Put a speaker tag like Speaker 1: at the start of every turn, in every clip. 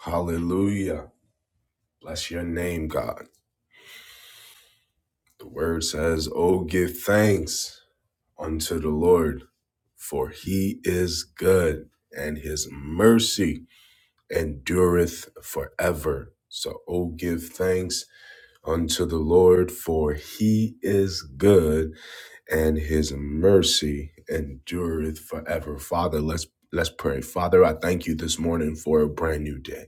Speaker 1: Hallelujah. Bless your name, God. The word says, Oh, give thanks unto the Lord, for he is good, and his mercy endureth forever. So, oh, give thanks unto the Lord, for he is good, and his mercy endureth forever. Father, let's let's pray. Father, I thank you this morning for a brand new day.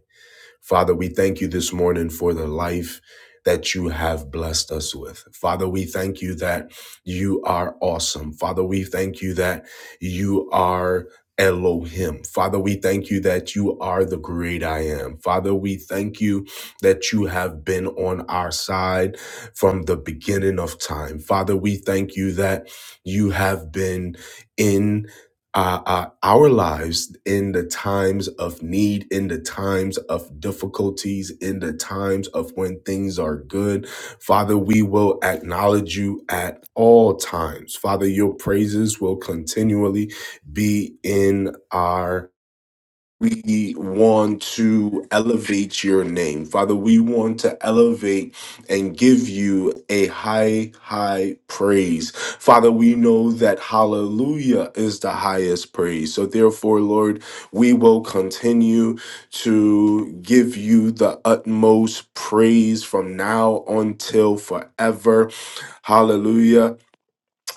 Speaker 1: Father, we thank you this morning for the life that you have blessed us with. Father, we thank you that you are awesome. Father, we thank you that you are Elohim. Father, we thank you that you are the great I am. Father, we thank you that you have been on our side from the beginning of time. Father, we thank you that you have been in uh, uh, our lives in the times of need, in the times of difficulties, in the times of when things are good. Father, we will acknowledge you at all times. Father, your praises will continually be in our we want to elevate your name. Father, we want to elevate and give you a high, high praise. Father, we know that hallelujah is the highest praise. So, therefore, Lord, we will continue to give you the utmost praise from now until forever. Hallelujah.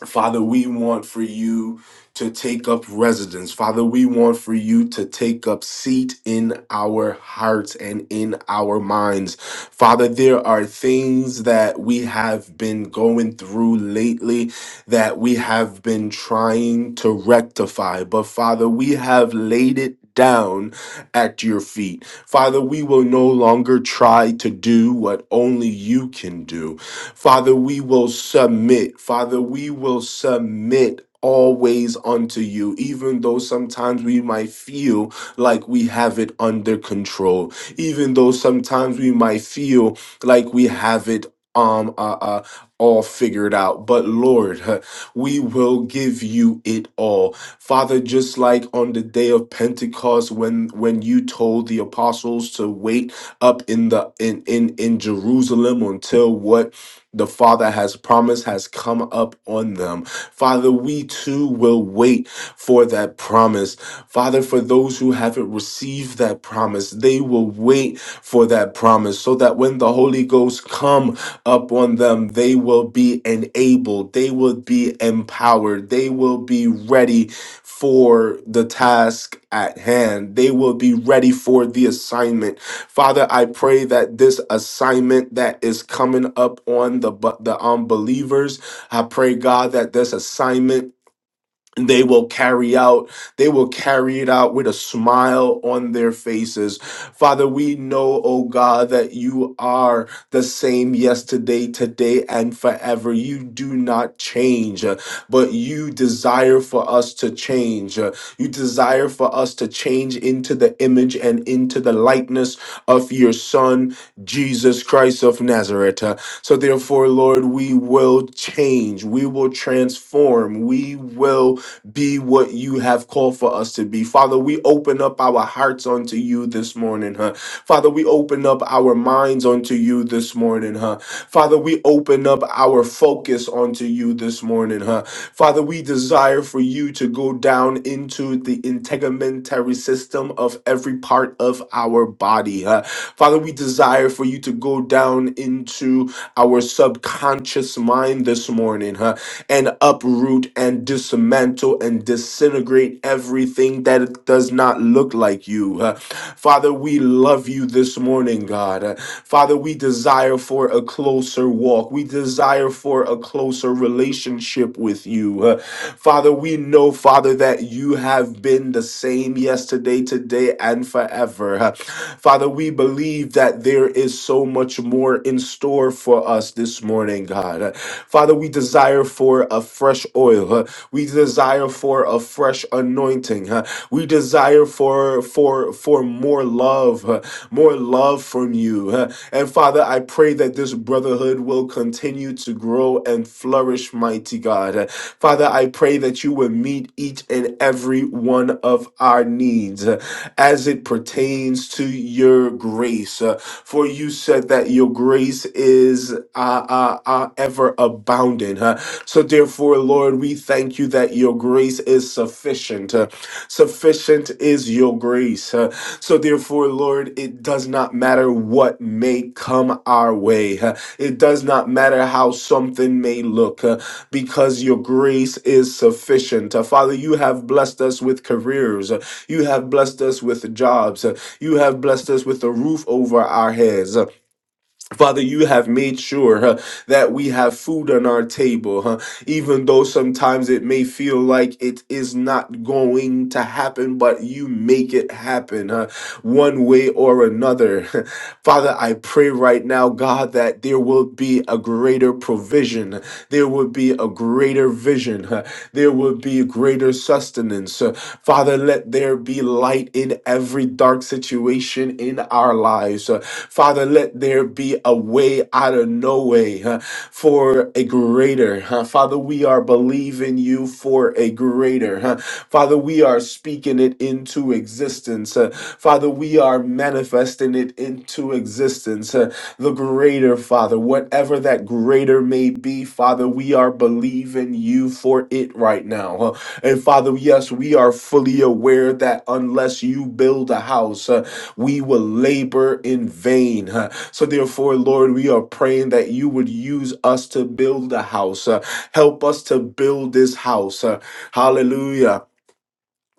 Speaker 1: Father, we want for you to take up residence. Father, we want for you to take up seat in our hearts and in our minds. Father, there are things that we have been going through lately that we have been trying to rectify. But Father, we have laid it down at your feet. Father, we will no longer try to do what only you can do. Father, we will submit. Father, we will submit. Always unto you, even though sometimes we might feel like we have it under control, even though sometimes we might feel like we have it um uh, uh all figured out. But Lord, huh, we will give you it all. Father, just like on the day of Pentecost when when you told the apostles to wait up in the in in, in Jerusalem until what the Father has promised has come up on them. Father, we too will wait for that promise. Father, for those who haven't received that promise, they will wait for that promise so that when the Holy Ghost come upon them. They will be enabled, they will be empowered, they will be ready for the task at hand, they will be ready for the assignment. Father, I pray that this assignment that is coming up on the, the unbelievers, I pray, God, that this assignment they will carry out they will carry it out with a smile on their faces father we know oh god that you are the same yesterday today and forever you do not change uh, but you desire for us to change Uh, you desire for us to change into the image and into the likeness of your son jesus christ of nazareth Uh, so therefore lord we will change we will transform we will be what you have called for us to be. Father, we open up our hearts unto you this morning, huh? Father, we open up our minds unto you this morning, huh? Father, we open up our focus unto you this morning, huh? Father, we desire for you to go down into the integumentary system of every part of our body, huh? Father, we desire for you to go down into our subconscious mind this morning, huh? and uproot and dismantle and disintegrate everything that does not look like you. Uh, Father, we love you this morning, God. Uh, Father, we desire for a closer walk. We desire for a closer relationship with you. Uh, Father, we know, Father, that you have been the same yesterday, today, and forever. Father, we believe that there is so much more in store for us this morning, God. Father, we desire for a fresh oil. We desire for a fresh anointing. We desire for for for more love, more love from you. And Father, I pray that this brotherhood will continue continue to grow and flourish, mighty God. Father, I pray that you will meet each and every one of our needs uh, as it pertains to your grace. Uh, For you said that your grace is uh, uh, uh, ever abounding. huh? So, therefore, Lord, we thank you that your grace is sufficient. Uh, Sufficient is your grace. Uh, So, therefore, Lord, it does not matter what may come our way. It does not matter how something may look uh, because your grace is sufficient. Uh, Father, you have blessed us with careers. Uh, You have blessed us with jobs. Uh, You have blessed us with a roof over our heads. Uh, Father, you have made sure huh, that we have food on our table, huh, even though sometimes it may feel like it is not going to happen, but you make it happen huh, one way or another. Father, I pray right now, God, that there will be a greater provision, there will be a greater vision, huh, there will be greater sustenance. Father, let there be be light in every dark situation in our lives. Uh, Father, let there be a way out of no way uh, for a greater. huh? Father, we are believing you for a greater. huh? Father, we are speaking it into existence. uh, Father, we are manifesting it into existence. uh, The greater, Father, whatever that greater may be, Father, we are believing you for it right now. huh. And Father, yes, we are fully aware that unless you build a house, uh, we will labor in vain. huh. So, therefore, Lord, we are praying that you would use us to build a house. uh, Help us to build this house. uh, Hallelujah.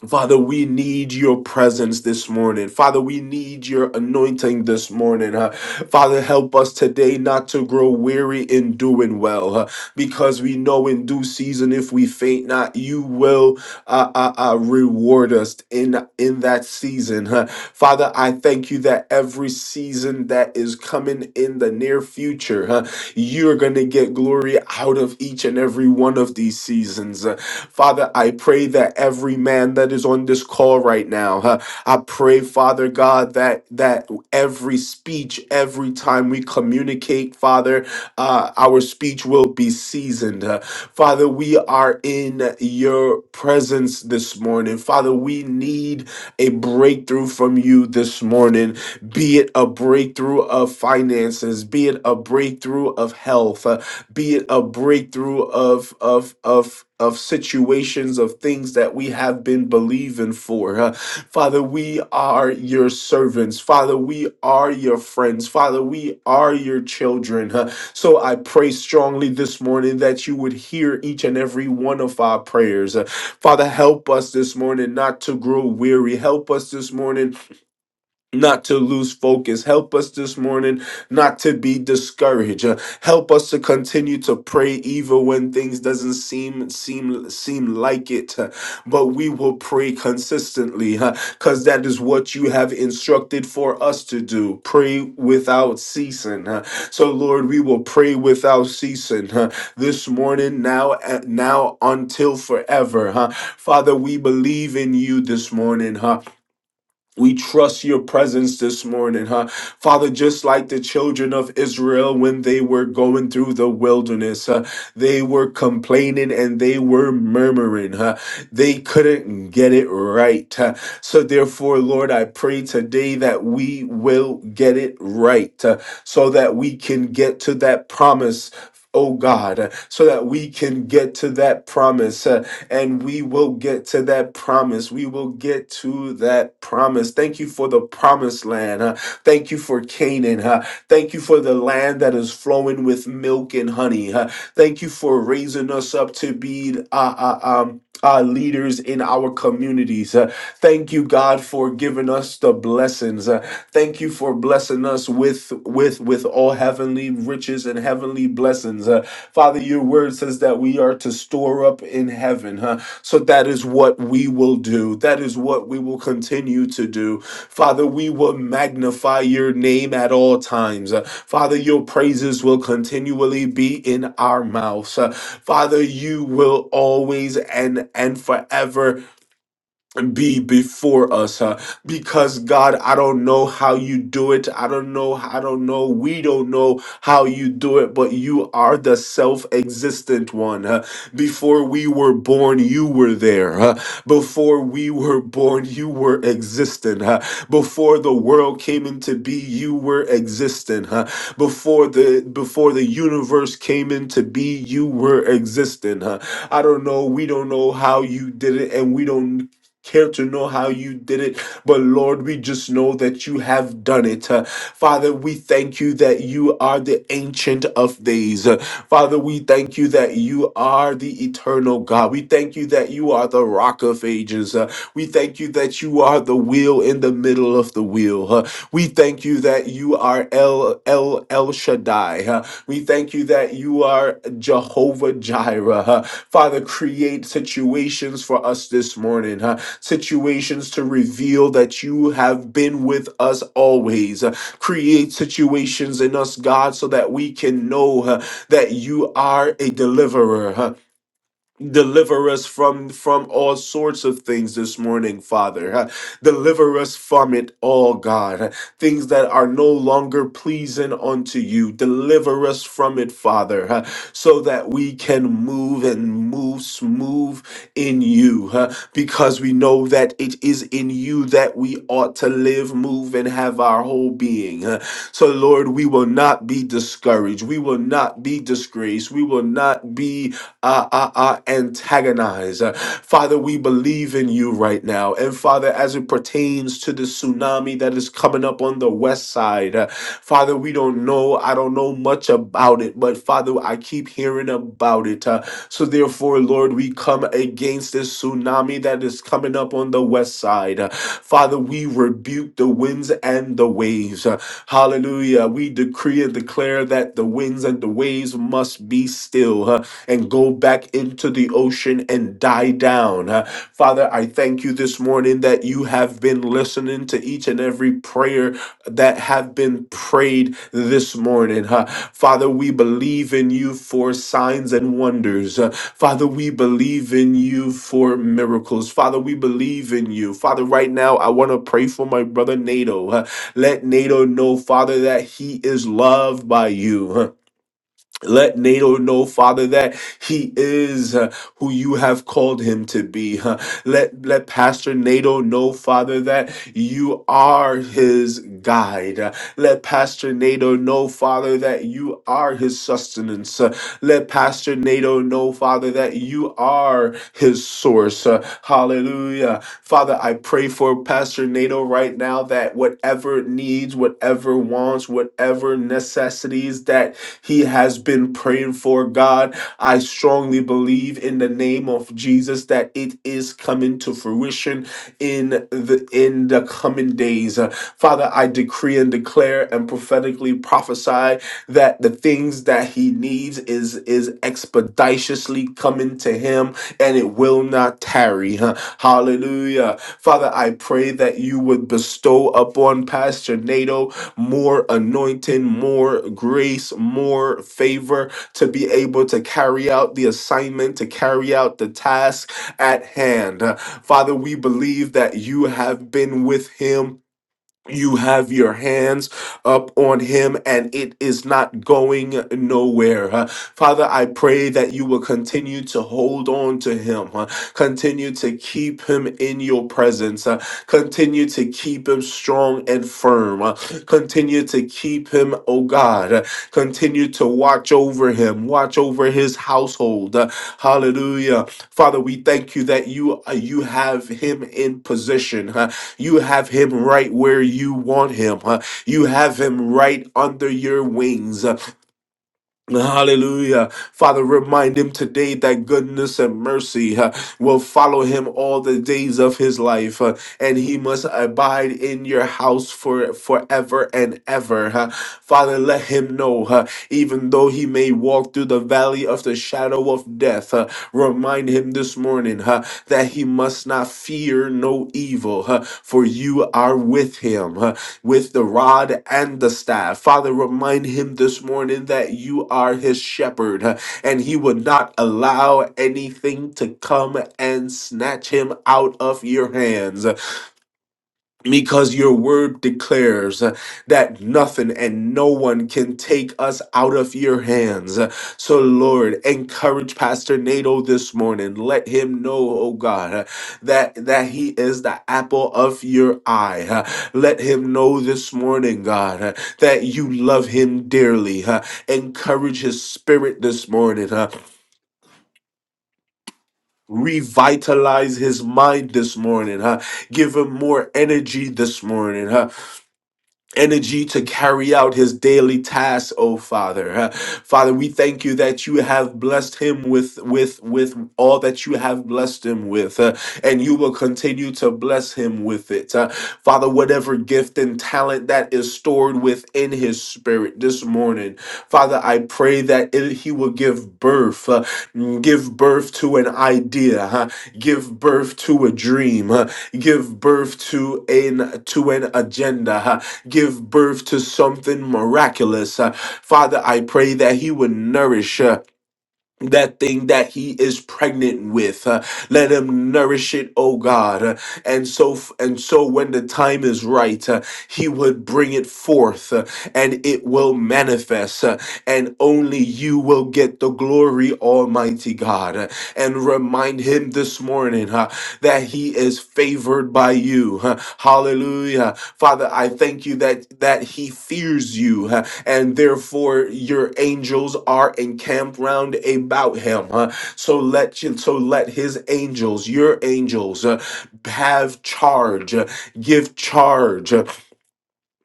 Speaker 1: Father, we need your presence this morning. Father, we need your anointing this morning. huh? Father, help us today not to grow weary in doing well, huh? because we know in due season, if we faint not, you will uh, uh, uh, reward us in in that season. huh? Father, I thank you that every season that is coming in the near future, uh, you're going to get glory out of each and every one of these seasons. Uh, Father, I pray that every man that is on this call right now, uh, I pray, Father God, that that every speech, every time we communicate, Father, uh, our speech will be seasoned. Uh, Father, we are in your presence this morning. Father, we need a breakthrough from you this morning be it a breakthrough of finances, be it a breakthrough of health, uh, be it a breakthrough of of of of situations of things that we have been believing for. Uh, Father, we are your servants. Father, we are your friends. Father, we are your children. Uh, so I pray strongly this morning that you would hear each and every one of our prayers. Uh, Father, help us this morning not to grow weary. Help us this morning not to lose focus. Help us this morning not to be discouraged. Uh, help us to continue to pray even when things doesn't seem seem seem like it. Uh, but we will pray consistently because that is what you have instructed for us to do. Pray without ceasing. huh? so Lord, we will pray without ceasing huh? this morning, now, and now until forever. huh? Father, we believe in you this morning. Huh? We trust your presence this morning, huh? Father, just like the children of Israel when they were going through the wilderness, huh? They were complaining and they were murmuring, huh? They couldn't get it right. huh? So, therefore, Lord, I pray today that we will get it right huh? so that we can get to that promise. Oh God, huh? so that we can get to that promise. huh? and we will get to that promise. We will get to that promise. Thank you for the promised land. huh? Thank you for Canaan. huh? Thank you for the land that is flowing with milk and honey. huh? Thank you for raising us up to be uh, uh, um, uh, leaders in our communities. Uh, thank you, God, for giving us the blessings. Uh, thank you for blessing us with with with all heavenly riches and heavenly blessings. Uh, Father, your word says that we are to store up in heaven, huh? So that is what we will do. That is what we will continue to do. Father, we will magnify your name at all times. Uh, Father, your praises will continually be in our mouths. Uh, Father, you will always and and forever be before us huh? because god i don't know how you do it i don't know i don't know we don't know how you do it but you are the self-existent one huh? before we were born you were there huh? before we were born you were existent huh? before the world came into be you were existent huh? before the before the universe came into be you were existent huh? i don't know we don't know how you did it and we don't care to know how you did it, but Lord, we just know that you have done it. Uh, Father, we thank you that you are the ancient of days. Uh, Father, we thank you that you are the eternal God. We thank you that you are the rock of ages. Uh, we thank you that you are the wheel in the middle of the wheel. Uh, we thank you that you are El El El Shaddai. Uh, we thank you that you are Jehovah Jireh. Uh, Father, create situations for us this morning. huh? situations to reveal that you have been with us always. Uh, Create situations in us, God, so that we can know uh, that you are a deliverer. Deliver us from from all sorts of things this morning, Father. Uh, Deliver us from it all, God. Uh, Things that are no longer pleasing unto you. Deliver us from it, Father, uh, so that we can move and move smooth in you, uh, because we know that it is in you that we ought to live, move, and have our whole being. Uh, So, Lord, we will not be discouraged. We will not be disgraced. We will not be uh, uh, uh, antagonize. Uh, Father, we believe in you right now. And Father, as it pertains to the tsunami that is coming up on the west side, uh, Father, we don't know. I don't know much about it, but Father, I keep hearing about it. Uh, so therefore, Lord, we come against this tsunami that is coming up on the west side. Uh, Father, we rebuke the winds and the waves. Uh, hallelujah. We decree and declare that the winds and the waves must be still. Uh, and go back into the ocean and die down. Uh, Father, I thank you this morning that you have been listening to each and every prayer that have been prayed this morning. huh? Father, we believe in you for signs and wonders. Uh, Father, we believe in you for miracles. Father, we believe in you. Father, right now, I want to pray for my brother Nato. huh? Let Nato know, Father, that he is loved by you. Uh, let NATO know, Father, that he is uh, who you have called him to be. huh? Let let Pastor NATO know, Father, that you are his guide. Uh, Let Pastor NATO know, Father, that you are his sustenance. Uh, Let Pastor NATO know, Father, that you are his source. Uh, Hallelujah. Father, I pray for Pastor NATO right now that whatever needs, whatever wants, whatever necessities that he has been praying for, God. I strongly believe in the name of Jesus that it is coming to fruition in the in the coming days. Uh, Father, I decree and declare and prophetically prophesy that the things that he needs is is expeditiously coming to him and it will not tarry. huh? Hallelujah. Father, I pray that you would bestow upon Pastor Nato more anointing, more grace, more favor to be able to carry out the assignment, to carry out the task at hand. Uh, Father, we believe that you have been with him you have your hands up on him and it is not going nowhere. huh? Father, I pray that you will continue to hold on to him, huh? continue to keep him in your presence, huh? continue to keep him strong and firm, huh? continue to keep him, oh God, huh? continue to watch over him, watch over his household. huh? Hallelujah. Father, we thank you that you, uh, you have him in position. huh? You have him right where you want him. huh? You have him right under your wings. Hallelujah. Father, remind him today that goodness and mercy uh, will follow him all the days of his life, uh, and he must abide in your house for forever and ever. uh. Father, let him know, uh, even though he may walk through the valley of the shadow of death, uh, remind him this morning uh, that he must not fear no evil, uh, for you are with him. huh? with the rod and the staff. Father, remind him this morning that you are his shepherd uh, and he would not allow anything to come and snatch him out of your hands because your word declares uh, that nothing and no one can take us out of your hands. Uh, So, Lord, encourage Pastor Nato this morning. Let him know, oh God, uh, that, that he is the apple of your eye. Uh, Let him know this morning, God, uh, that you love him dearly. Uh, Encourage his spirit this morning. uh, Revitalize his mind this morning. uh, Give him more energy this morning. Huh? energy to carry out his daily tasks, oh father Uh, father we thank you that you have blessed him with with with all that you have blessed him with uh, and you will continue to bless him with it Uh, father whatever gift and talent that is stored within his spirit this morning father i pray that it, he will give birth uh, mm, give birth to an idea huh? give birth to a dream huh? give birth to an to an agenda huh? give birth to something miraculous. Uh, Father, I pray that He would nourish. uh, that thing that he is pregnant with Uh, let him nourish it oh god Uh, and so and so when the time is right uh, he would bring it forth uh, and it will manifest uh, and only you will get the glory almighty god Uh, and remind him this morning uh, that he is favored by you Uh, hallelujah father i thank you that that he fears you huh, and therefore your angels are encamped round about him. Uh, so let you, so let his angels, your angels, uh, have charge, uh, give charge. uh,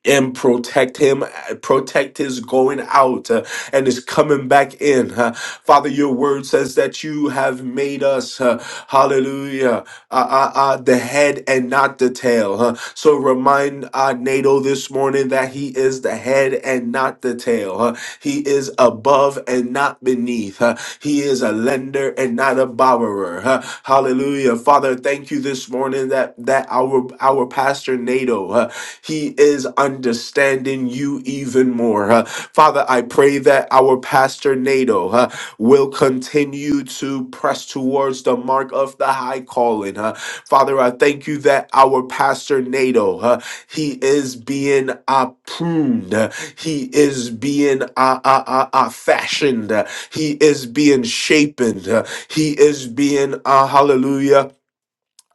Speaker 1: and protect him, uh, protect his going out uh, and his coming back in. uh. Father, your word says that you have made us, uh, hallelujah, uh, uh, uh, the head and not the tail. uh. So remind uh, NATO this morning that he is the head and not the tail. uh. He is above and not beneath. uh. He is a lender and not a borrower. huh? huh? Hallelujah. Father, thank you this morning that that our our pastor Nato, huh, he is understanding you even more. huh? Father, I pray that our pastor Nato huh, will continue to press towards the mark of the high calling. huh? Father, I thank you that our pastor Nato, huh, he is being uh, pruned. uh, He is being uh, uh, uh, uh, fashioned. uh, He is being shapen. He is being, uh, hallelujah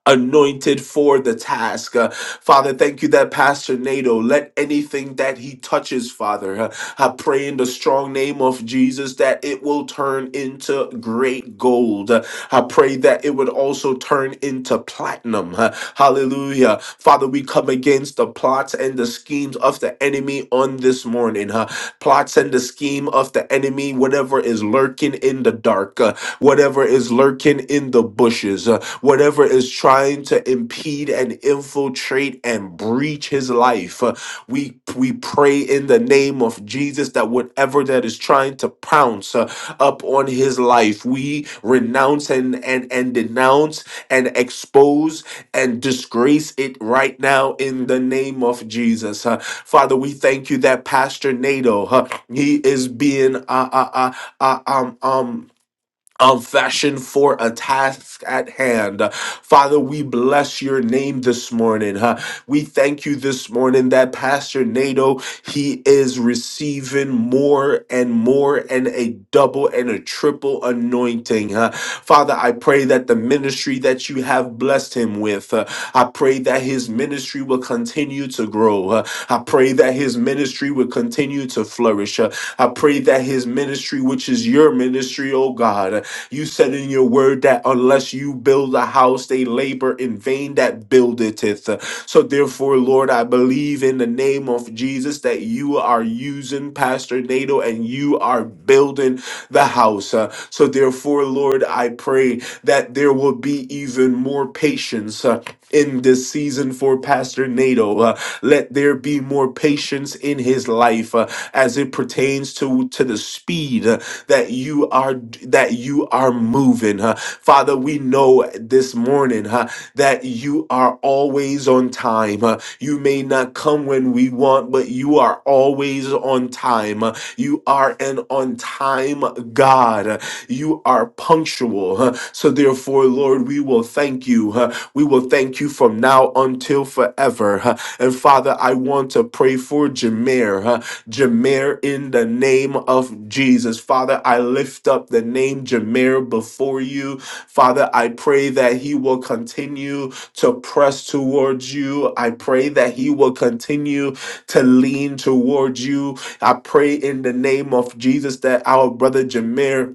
Speaker 1: anointed for the task. Uh, Father, thank you that Pastor Nato, let anything that he touches, Father, uh, I pray in the strong name of Jesus that it will turn into great gold. Uh, I pray that it would also turn into platinum. Uh, Hallelujah. Father, we come against the plots and the schemes of the enemy on this morning. Uh, plots and the scheme of the enemy, whatever is lurking in the dark, uh, whatever is lurking in the bushes. uh, whatever is trying to impede and infiltrate and breach his life. Uh, We we pray in the name of Jesus that whatever that is trying to pounce uh, up on his life, we renounce and and and denounce and expose and disgrace it right now in the name of Jesus. Uh, Father, we thank you that Pastor Nato, uh, he is being uh, uh, uh, uh, um um of fashion for a task at hand. Father, we bless your name this morning. huh? We thank you this morning that Pastor Nato, he is receiving more and more and a double and a triple anointing. huh? Father, I pray that the ministry that you have blessed him with, uh, I pray that his ministry will continue to grow. uh, I pray that his ministry will continue to flourish. uh, I pray that his ministry, which is your ministry, oh God, you said in your word that unless you build a house, they labor in vain that buildeth it. So therefore, Lord, I believe in the name of Jesus that you are using Pastor Nato and you are building the house. Uh, So therefore, Lord, I pray that there will be even more patience. uh, in this season for Pastor Nato. Uh, let there be more patience in his life uh, as it pertains to to the speed uh, that you are that you are moving. uh. Father, we know this morning uh, that you are always on time. uh. you may not come when we want, but you are always on time. uh. you are an on time God. uh. you are punctual. uh. so therefore, Lord, we will thank you. uh, we will thank you from now until forever. huh. And Father, I want to pray for Jameer. huh. Jameer, in the name of Jesus. Father, I lift up the name Jameer before you. Father, I pray that he will continue to press towards you. I pray that he will continue to lean towards you. I pray in the name of Jesus that our brother Jameer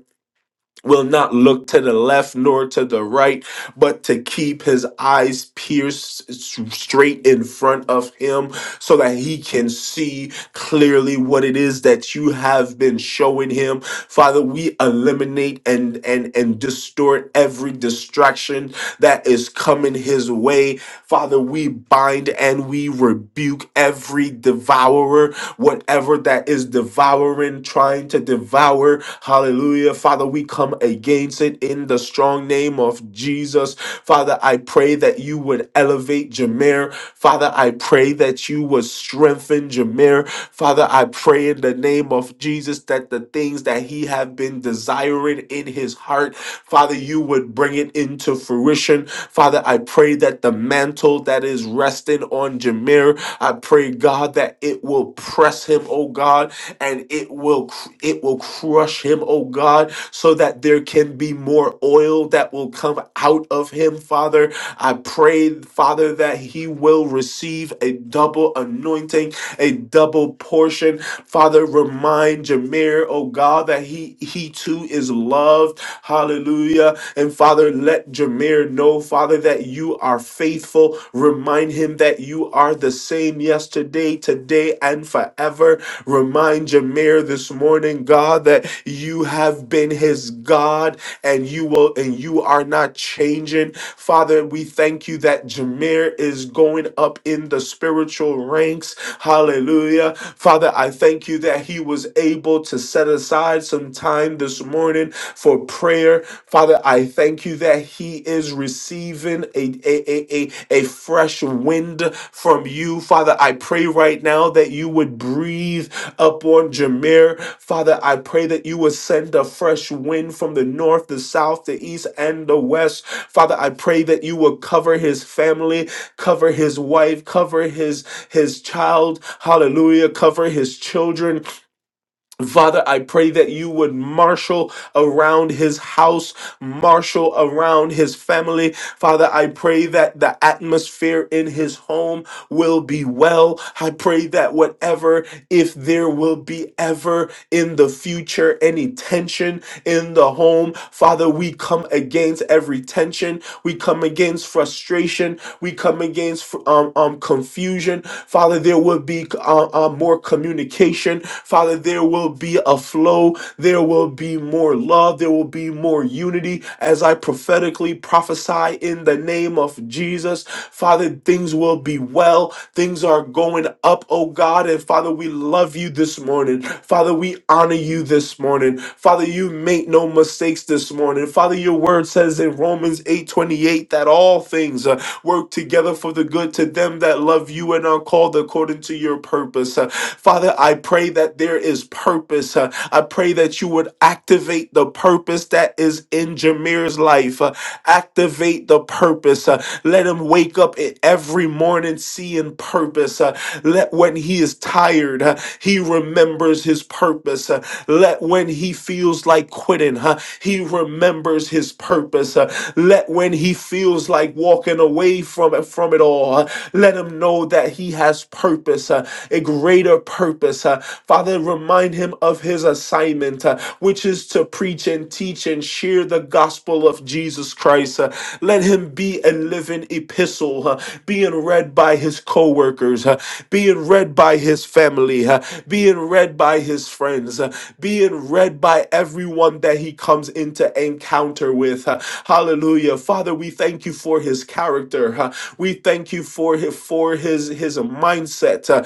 Speaker 1: will not look to the left nor to the right, but to keep his eyes pierced s- straight in front of him so that he can see clearly what it is that you have been showing him. Father, we eliminate and and and distort every distraction that is coming his way. Father, we bind and we rebuke every devourer whatever that is devouring, trying to devour. Hallelujah. Father, we come against it in the strong name of Jesus. Father, I pray that you would elevate Jameer. Father, I pray that you would strengthen Jameer. Father, I pray in the name of Jesus that the things that he have been desiring in his heart, Father, you would bring it into fruition. Father, I pray that the mantle that is resting on Jameer I pray, God, that it will press him, oh God, and it will cr- it will crush him, oh God, so that there can be more oil that will come out of him, Father. I pray, Father, that he will receive a double anointing, a double portion. Father, remind Jameer, oh God, that he he too is loved. Hallelujah. And Father, let Jameer know, Father, that you are faithful. Remind him that you are the same yesterday, today, and forever. Remind Jameer this morning, God, that you have been his God and you will and you are not changing. Father, we thank you that Jameer is going up in the spiritual ranks. Hallelujah. Father, I thank you that he was able to set aside some time this morning for prayer prayer. Father, I thank you that he is receiving a, a, a, a, a fresh wind from you. Father, I pray right now that you would breathe upon Jameer. Father, I pray that you would send a fresh wind from the north, the south, the east, and the west. Father, I pray that you will cover his family, cover his wife, cover his his child. Hallelujah. Cover his children. Father, I pray that you would marshal around his house, marshal around his family. Father, I pray that the atmosphere in his home will be well. I pray that whatever, if there will be ever in the future any tension in the home, Father, we come against every tension. We come against frustration. We come against um, um, confusion. Father, there will be uh, uh, more communication. Father, there will be a flow. There will be more love. There will be more unity as I prophetically prophesy in the in the name of Jesus. Father, things will be well. Things are going up, oh God. And Father, we love you this morning. Father, we honor you this morning. Father, you make no mistakes this morning. Father, your word says in Romans 8:28 that all things uh, work together for the good to them that love you and are called according to your purpose. Uh, Father, I pray that there is purpose. Uh, I pray that you would activate the purpose that that is in Jameer's life. Uh, activate the purpose. Uh, let him wake up e- every morning seeing purpose. Uh, let when he is tired, uh, he remembers his purpose. Uh, let when he feels like quitting, huh, he remembers his purpose. Uh, let when he feels like walking away from it, from it all, uh, let him know that he has purpose, uh, a greater purpose. uh. Father, remind him of of his assignment, uh, which is to preach and teach and share the gospel of Jesus Christ. Uh, let him be a living epistle, uh, being read by his co workers, being read by his family, uh, being read by his friends, uh, being read by everyone that he comes into encounter with. uh, hallelujah. Father, we thank you for his character. uh, we thank you for his, for his, his mindset. uh,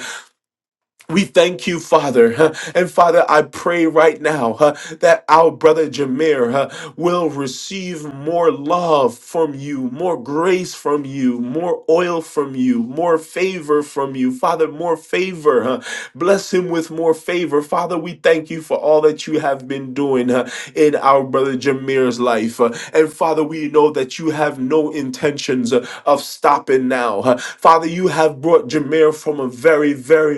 Speaker 1: we thank you, Father. huh, And Father, I pray right now huh, that our brother Jameer huh, will receive more love from you, more grace from you, more oil from you, more favor from you. Father, more favor. huh. Bless him with more favor. Father, we thank you for all that you have been doing huh, in our brother Jameer's life. huh. And Father, we know that you have no intentions uh, of stopping now. huh. Father, you have brought Jameer from a very very, very,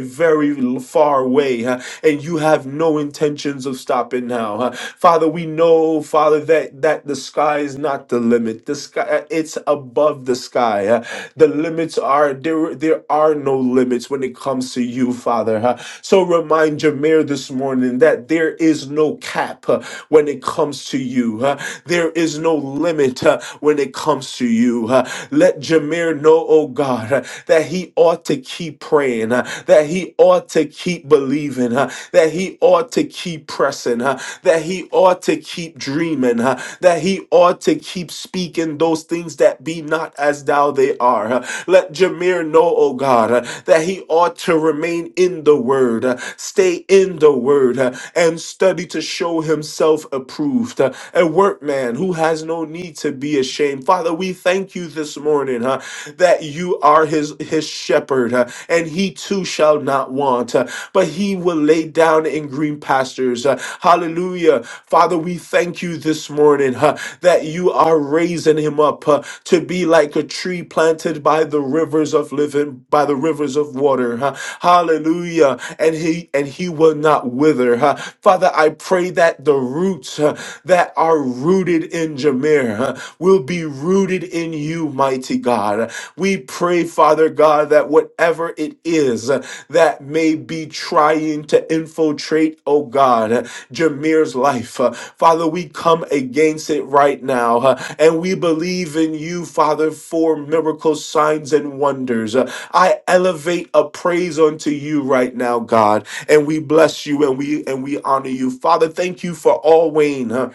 Speaker 1: very far away, huh, and you have no intentions of stopping now. huh. Father, we know, Father, that that the sky is not the limit. The sky, uh, it's above the sky. huh. The limits are there. There are no limits when it comes to you, Father. huh. So remind Jameer this morning that there is no cap uh, when it comes to you. huh. There is no limit uh, when it comes to you. huh. Let Jameer know, oh God, uh, that he ought to ought to keep praying, uh, that he ought to keep believing, uh, that he ought to keep pressing, uh, that he ought to keep dreaming, uh, that he ought to keep speaking those things that be not as thou they are. uh. Let Jameer know, oh God, uh, that he ought to remain in the word, uh, stay in the word, uh, and study to show himself approved, uh, a workman who has no need to be ashamed. Father, we thank you this morning huh, that you are are his his shepherd, uh, and he too shall not want. uh, But he will lay down in green pastures. uh, Hallelujah. Father, we thank you this morning uh, that you are raising him up uh, to be like a tree planted by the rivers of living, by the rivers of water. uh, Hallelujah. And he and he will not wither. uh. Father, I pray that the roots uh, that are rooted in Jameer uh, will be rooted in you, mighty God. We pray, Father God, that whatever it is uh, that may be trying to infiltrate, oh God, uh, Jameer's life, uh, Father, we come against it right now. uh, And we believe in you, Father, for miracles, signs, and wonders. Uh, I elevate a praise unto you right now, God. And we bless you and we and we honor you. Father, thank you for all Wayne.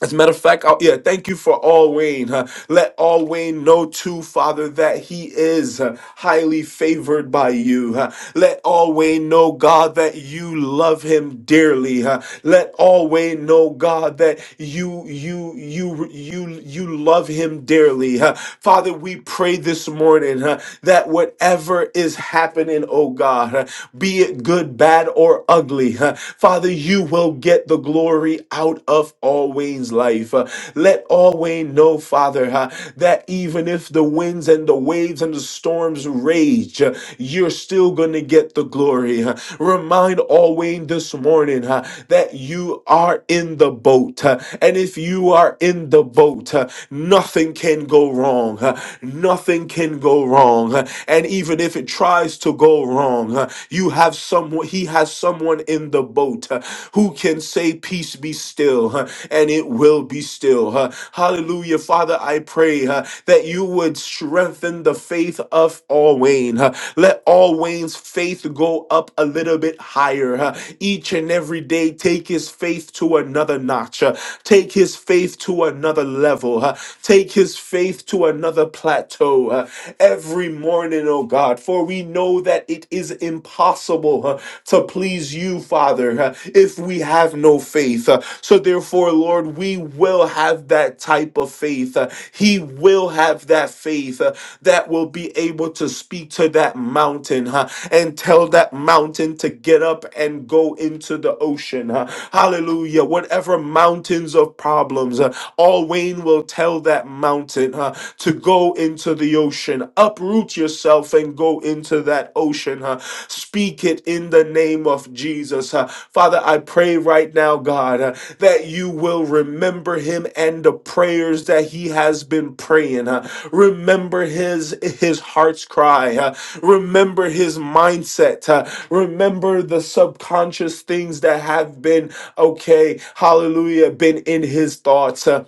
Speaker 1: As a matter of fact, I'll, yeah, thank you for all Wayne. huh? Let all Wayne know too, Father, that he is uh, highly favored by you. huh? Let all Wayne know, God, that you love him dearly. huh? Let all Wayne know, God, that you you you you you love him dearly. huh? Father, we pray this morning huh, that whatever is happening, oh God, huh, be it good, bad, or ugly. huh? Father, you will get the glory out of all Wayne's life. Uh, Let all Wayne know, Father, huh, that even if the winds and the waves and the storms rage, uh, you're still going to get the glory. huh? Remind all Wayne this morning huh, that you are in the boat. huh? And if you are in the boat, huh, nothing can go wrong. huh? Nothing can go wrong. huh? And even if it tries to go wrong, uh, you have someone, he has someone in the boat uh, who can say, Peace be still, uh, and it will be still. uh. Hallelujah. Father, I pray uh, that you would strengthen the faith of all Wayne. uh. Let all Wayne's faith go up a little bit higher. uh. Each and every day, take his faith to another notch, uh. take his faith to another level, uh. take his faith to another plateau. uh uh, every morning, oh God, for we know that it is impossible uh, to please you, Father, uh, if we have no faith. Uh, So therefore, Lord, we will have that type of faith. Uh, He will have that faith uh, that will be able to speak to that mountain huh, and tell that mountain to get up and go into the ocean. huh. Hallelujah. Whatever mountains of problems, uh, all Wayne will tell that mountain mountain huh, to go into the ocean. Uproot yourself and go into that ocean. huh. Speak it in the name of Jesus. huh. Father, I pray right now, God, uh, that you will remember him and the prayers that he has been praying. huh. Remember his his heart's cry. huh. Remember his mindset. huh. Remember the subconscious things that have been okay. Hallelujah, been in his thoughts. huh.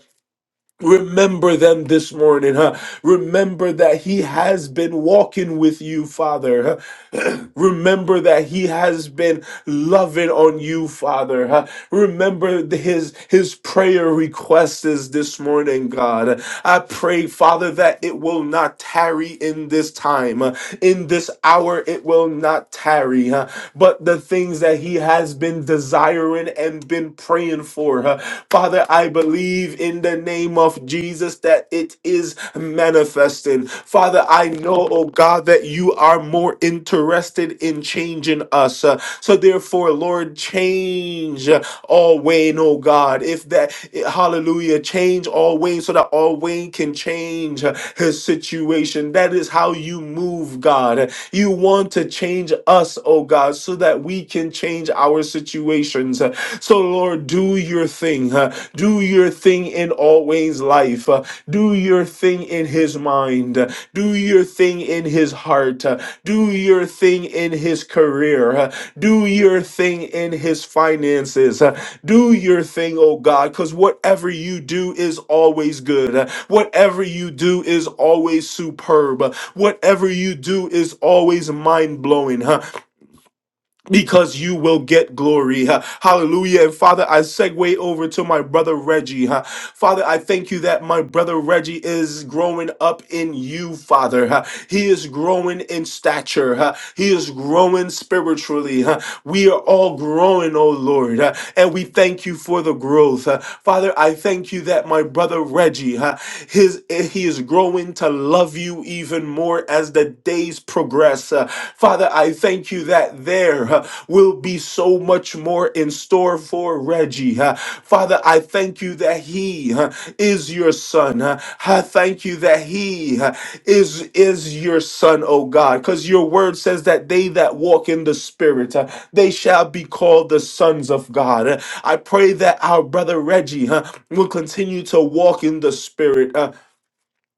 Speaker 1: Remember them this morning, huh? Remember that He has been walking with you, Father. Huh? Remember that He has been loving on you, Father. huh? Remember the- His His prayer request is this morning, God. I pray, Father, that it will not tarry in this time, uh, in this hour. It will not tarry, huh? but the things that He has been desiring and been praying for, huh? Father, I believe in the name of Jesus that it is manifesting. Father, I know, oh God, that you are more interested in changing us. Uh, so therefore, Lord, change uh, all Wayne, oh God. If that, hallelujah, change all Wayne so that all Wayne can change uh, his situation. That is how you move, God. You want to change us, oh God, so that we can change our situations. So, Lord, do your thing. uh, do your thing in always life. uh, do your thing in his mind. uh, do your thing in his heart. uh, do your thing in his career. uh, do your thing in his finances. uh, do your thing, oh God, because whatever you do is always good. uh, whatever you do is always superb. uh, whatever you do is always mind blowing because you will get glory. huh? Hallelujah. And Father, I segue over to my brother Reggie. huh? Father, I thank you that my brother Reggie is growing up in you, Father. huh? He is growing in stature. huh? He is growing spiritually. huh? We are all growing, oh Lord. huh? And we thank you for the growth. huh? Father, I thank you that my brother Reggie, huh, his he is growing to love you even more as the days progress. Uh, Father, I thank you that there uh, will be so much more in store for Reggie. Uh, Father, I thank you that he uh, is your son. Uh, I thank you that he uh, is is your son, oh God, cuz your word says that they that walk in the spirit, uh, they shall be called the sons of God. Uh, I pray that our brother Reggie uh, will continue to walk in the spirit. uh,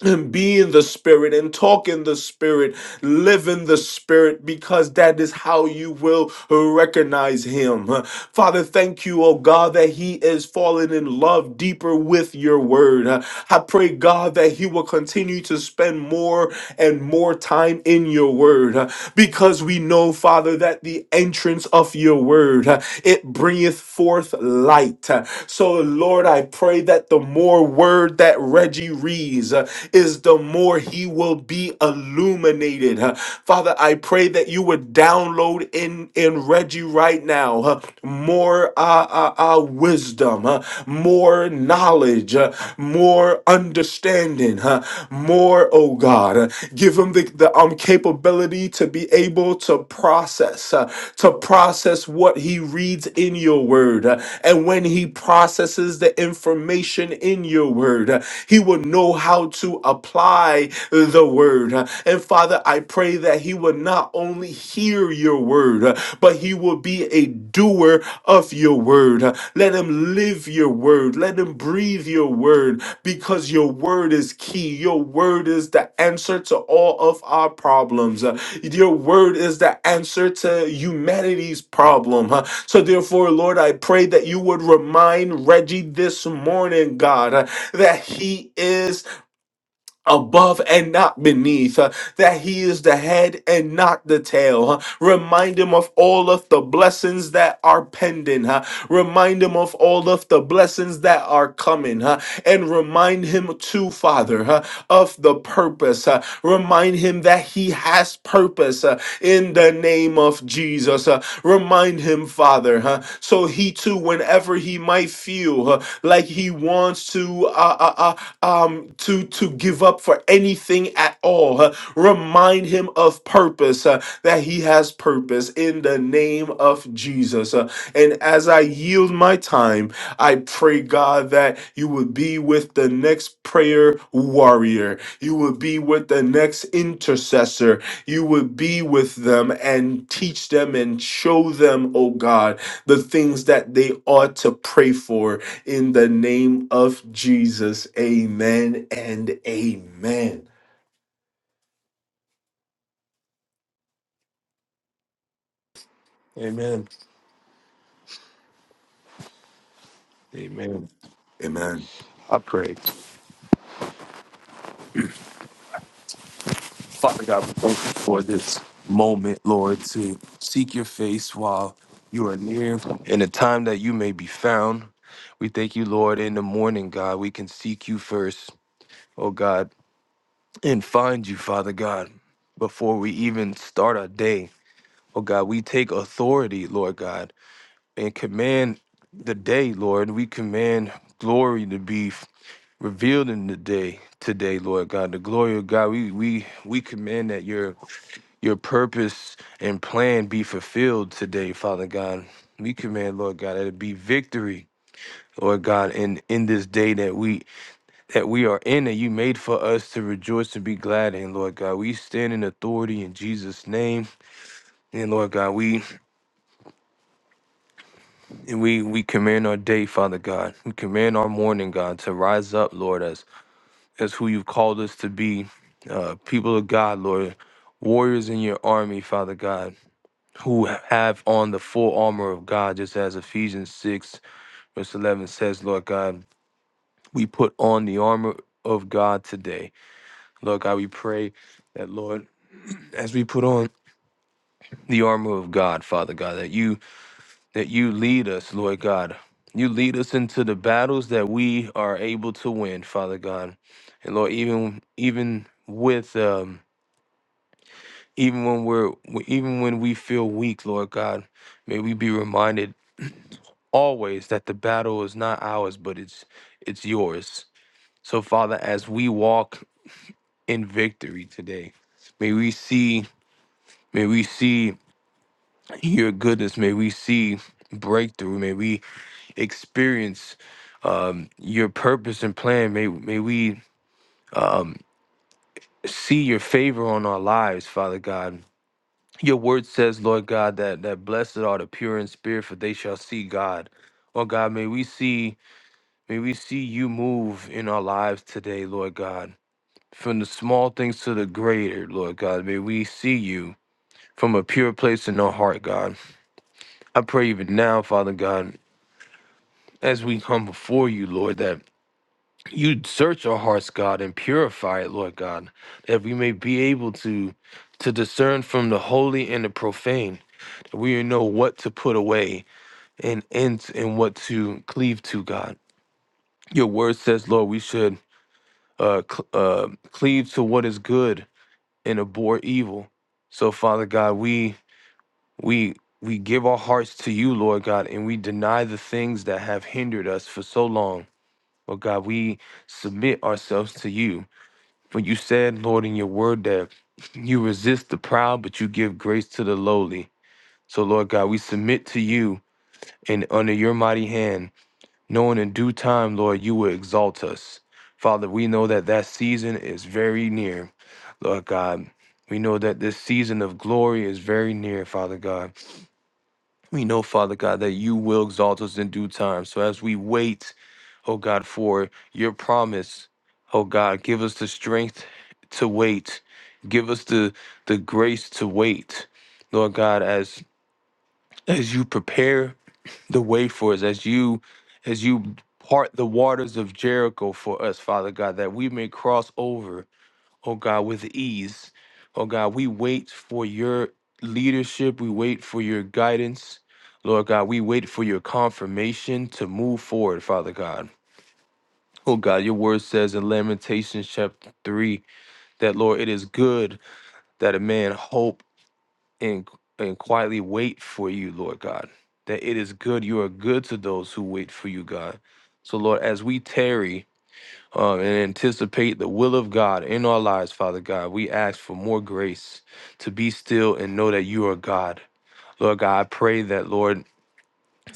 Speaker 1: and be in the spirit and talk in the spirit, live in the spirit, because that is how you will recognize him. Father, thank you, oh God, that he is falling in love deeper with your word. I pray, God, that he will continue to spend more and more time in your word, because we know, Father, that the entrance of your word, it bringeth forth light. So, Lord, I pray that the more more word that Reggie reads, uh, is the more he will be illuminated. Uh, Father, I pray that you would download in, in Reggie right now uh, more uh, uh, uh, wisdom, uh, more knowledge, uh, more understanding, uh, more, oh God. Uh, give him the, the um, capability to be able to process, uh, to process what he reads in your word. Uh, and when he he processes the information in your word. He will know how to apply the word. And Father, I pray that he would not only hear your word, but he will be a doer of your word. Let him live your word. Let him breathe your word because your word is key. Your word is the answer to all of our problems. Your word is the answer to humanity's problem. So, therefore, Lord, I pray that you would remind Reggie this morning, God, uh, that he is above and not beneath, uh, that he is the head and not the tail. uh. Remind him of all of the blessings that are pending. uh. Remind him of all of the blessings that are coming. uh, And remind him, too, Father, uh, of the purpose. uh. Remind him that he has purpose. uh, in the name of Jesus. Uh, remind him, Father, huh, so he too, whenever he might feel uh, like he wants to uh, uh, uh, um, to to give up for anything at all, uh, remind him of purpose uh, that he has purpose in the name of Jesus. Uh, and as I yield my time, I pray, God, that you would be with the next prayer warrior. You would be with the next intercessor you would be with them and teach them and show them, oh God, the things that they ought to pray for in the name of Jesus. Amen and amen.
Speaker 2: Amen. Amen.
Speaker 1: Amen.
Speaker 2: I pray. Father God, we thank you for this moment, Lord, to seek your face while you are near in the time that you may be found. We thank you, Lord, in the morning, God. We can seek you first, oh God, and find you, Father God, before we even start our day. Oh God, we take authority, Lord God, and command the day, Lord. We command glory to be. revealed in the day today, Lord God. The glory of God. We we we command that your your purpose and plan be fulfilled today, Father God. We command, Lord God, that it be victory, Lord God, in in this day that we that we are in that you made for us to rejoice and be glad in, Lord God. We stand in authority in Jesus' name. And Lord God, we we we command our day, Father God. We command our morning, God, to rise up, Lord us. as who you've called us to be, uh, people of God, Lord, warriors in your army, Father God, who have on the full armor of God, just as Ephesians 6, verse 11 says, Lord God, we put on the armor of God today. Lord God, we pray that, Lord, as we put on the armor of God, Father God, that you that you lead us, Lord God. You lead us into the battles that we are able to win, Father God. And Lord, even even with um even when we're even when we feel weak lord god may we be reminded always that the battle is not ours but it's it's yours so father as we walk in victory today may we see may we see your goodness may we see breakthrough may we experience um, your purpose and plan may may we um, see your favor on our lives father god Your word says, Lord God, that, that blessed are the pure in spirit, for they shall see God. Oh God, may we see, may we see you move in our lives today, Lord God. From the small things to the greater, Lord God, may we see you from a pure place in our heart, God. I pray even now, Father God, as we come before you, Lord, that you search our hearts, God, and purify it, Lord God, that we may be able to to discern from the holy and the profane, that we know what to put away and ends in what to cleave to, God. Your word says, Lord, we should uh, cl- uh, cleave to what is good and abhor evil. So, Father God, we we we give our hearts to you, Lord God, and we deny the things that have hindered us for so long. Oh God, we submit ourselves to you. For you said, Lord, in your word that you resist the proud, but you give grace to the lowly. So, Lord God, we submit to you and under your mighty hand. knowing in due time, Lord, you will exalt us. Father, we know that that season is very near, Lord God. We know that this season of glory is very near, Father God. We know, Father God, that you will exalt us in due time. So as we wait, oh God, for your promise, oh God, give us the strength to wait. Give us the the grace to wait, Lord God, as as you prepare the way for us as you as you part the waters of Jericho for us, Father God, that we may cross over, oh God, with ease. Oh God, we wait for your leadership, we wait for your guidance. Lord God, we wait for your confirmation to move forward, Father God. Oh God, your word says in Lamentations chapter 3 that, Lord, it is good that a man hope and and quietly wait for you, Lord God. That it is good. You are good to those who wait for you, God. So Lord, as we tarry uh, and anticipate the will of God in our lives, Father God, we ask for more grace to be still and know that you are God. Lord God, I pray that, Lord,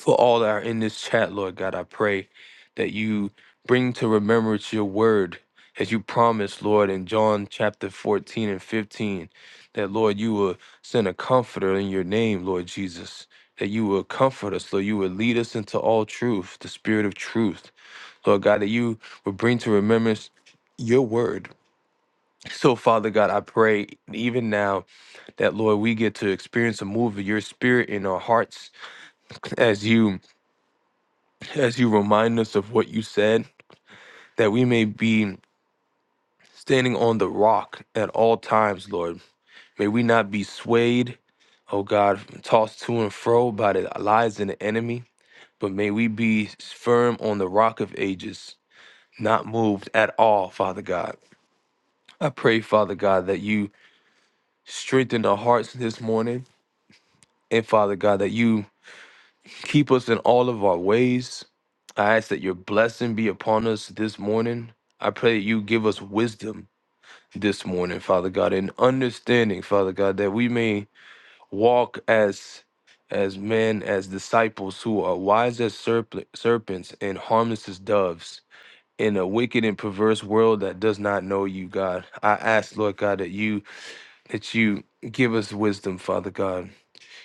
Speaker 2: for all that are in this chat, Lord God, I pray that you bring to remembrance your word as you promised, Lord, in John chapter 14 and 15, that, Lord, you will send a comforter in your name, Lord Jesus, that you will comfort us, Lord. You will lead us into all truth, the spirit of truth, Lord God, that you will bring to remembrance your word. So, Father God, I pray even now that, Lord, we get to experience a move of your spirit in our hearts as you. as you remind us of what you said, that we may be standing on the rock at all times, Lord. May we not be swayed, oh God, tossed to and fro by the lies of the enemy, but may we be firm on the rock of ages, not moved at all, Father God. I pray, Father God, that you strengthen our hearts this morning, and Father God, that you keep us in all of our ways. I ask that your blessing be upon us this morning. I pray that you give us wisdom this morning, Father God, and understanding, Father God, that we may walk as as men, as disciples who are wise as serp- serpents and harmless as doves in a wicked and perverse world that does not know you, God. I ask, Lord God, that you that you give us wisdom, Father God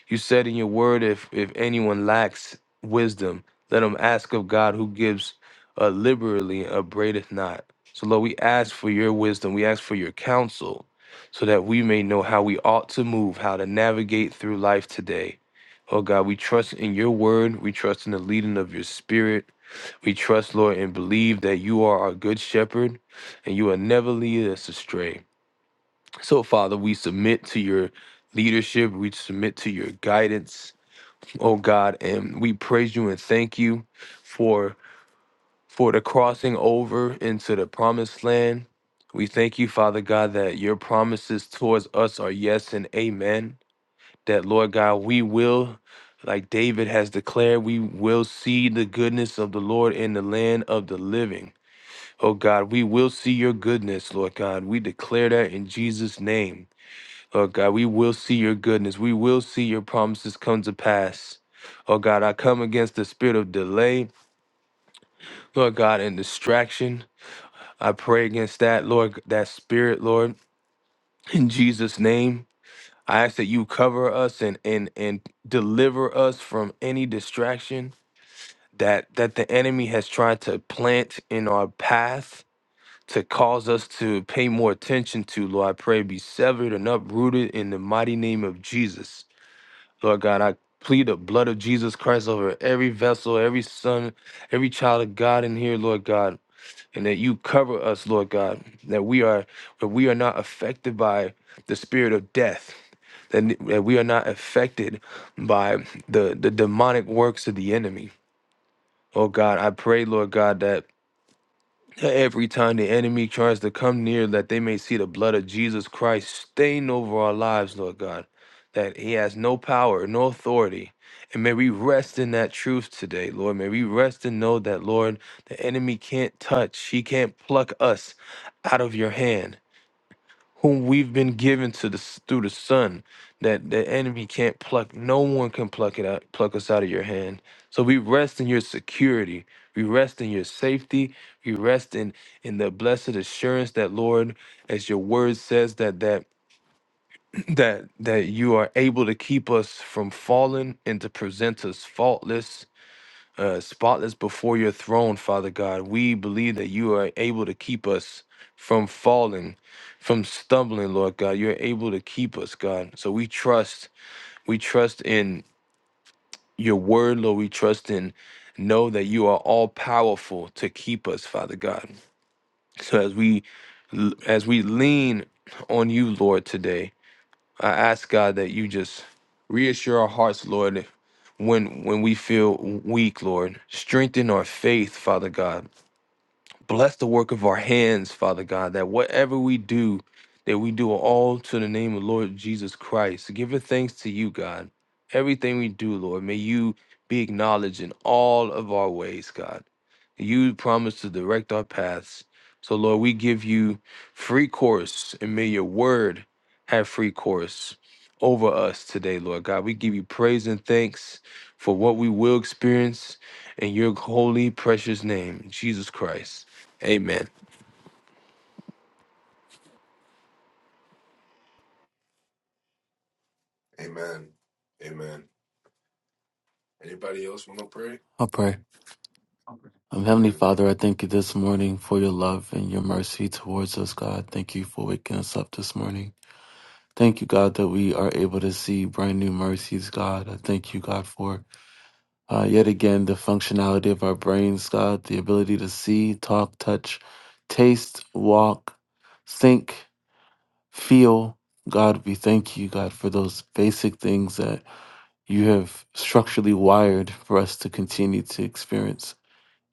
Speaker 2: you said in your word, if if anyone lacks wisdom, let him ask of God, who gives uh, liberally, and upbraideth not. So Lord, we ask for your wisdom. We ask for your counsel, so that we may know how we ought to move, how to navigate through life today. Oh God, we trust in your word. We trust in the leading of your spirit. We trust, Lord, and believe that you are our good shepherd and you will never lead us astray. So, Father, we submit to your leadership. We submit to your guidance, oh God, and we praise you and thank you for for the crossing over into the promised land. We thank you, Father God, that your promises towards us are yes and amen. That Lord God, we will, like David has declared, we will see the goodness of the Lord in the land of the living. Oh God, we will see your goodness, Lord God. We declare that in Jesus' name. Oh God, we will see your goodness. We will see your promises come to pass. Oh God, I come against the spirit of delay, Lord God, and distraction. I pray against that, Lord, that spirit, Lord, in Jesus' name. I ask that you cover us and and and deliver us from any distraction that that the enemy has tried to plant in our path to cause us to pay more attention to. Lord, I pray be severed and uprooted in the mighty name of Jesus. Lord God, I plead the blood of Jesus Christ over every vessel, every son, every child of God in here, Lord God, and that you cover us, Lord God, that we are that we are not affected by the spirit of death. That, that we are not affected by the, the demonic works of the enemy. Oh God, I pray, Lord God, that Every time the enemy tries to come near, that they may see the blood of Jesus Christ stained over our lives, Lord God, that He has no power, no authority. And may we rest in that truth today, Lord. May we rest and know that, Lord, the enemy can't touch, he can't pluck us out of your hand whom we've been given to the through the Son, that the enemy can't pluck. No one can pluck it out, pluck us out of your hand. So we rest in your security. We rest in your safety. We rest in in the blessed assurance that Lord, as your word says, that that that that you are able to keep us from falling and to present us faultless uh, spotless before your throne, Father God. We believe that you are able to keep us from falling, from stumbling, Lord God. You're able to keep us, God. So we trust, we trust in your word, Lord. We trust in know that you are all powerful to keep us, Father God. So as we as we lean on you, Lord, today, I ask God that you just reassure our hearts, Lord, when when we feel weak, Lord. Strengthen our faith, Father God. Bless the work of our hands, Father God, that whatever we do, that we do all to the name of Lord Jesus Christ. Giving thanks to you, God. Everything we do, Lord, may you be acknowledged in all of our ways, God. You promise to direct our paths. So, Lord, we give you free course, and may your word have free course over us today, Lord God. We give you praise and thanks for what we will experience in your holy, precious name, Jesus Christ. Amen.
Speaker 1: Amen. Amen. Anybody else want to pray?
Speaker 3: I'll pray. Um, Heavenly
Speaker 1: Amen.
Speaker 3: Father, I thank you this morning for your love and your mercy towards us, God. Thank you for waking us up this morning. Thank you, God, that we are able to see brand new mercies, God. I thank you, God, for uh, yet again the functionality of our brains, God, the ability to see, talk, touch, taste, walk, think, feel. God, we thank you, God, for those basic things that you have structurally wired for us to continue to experience.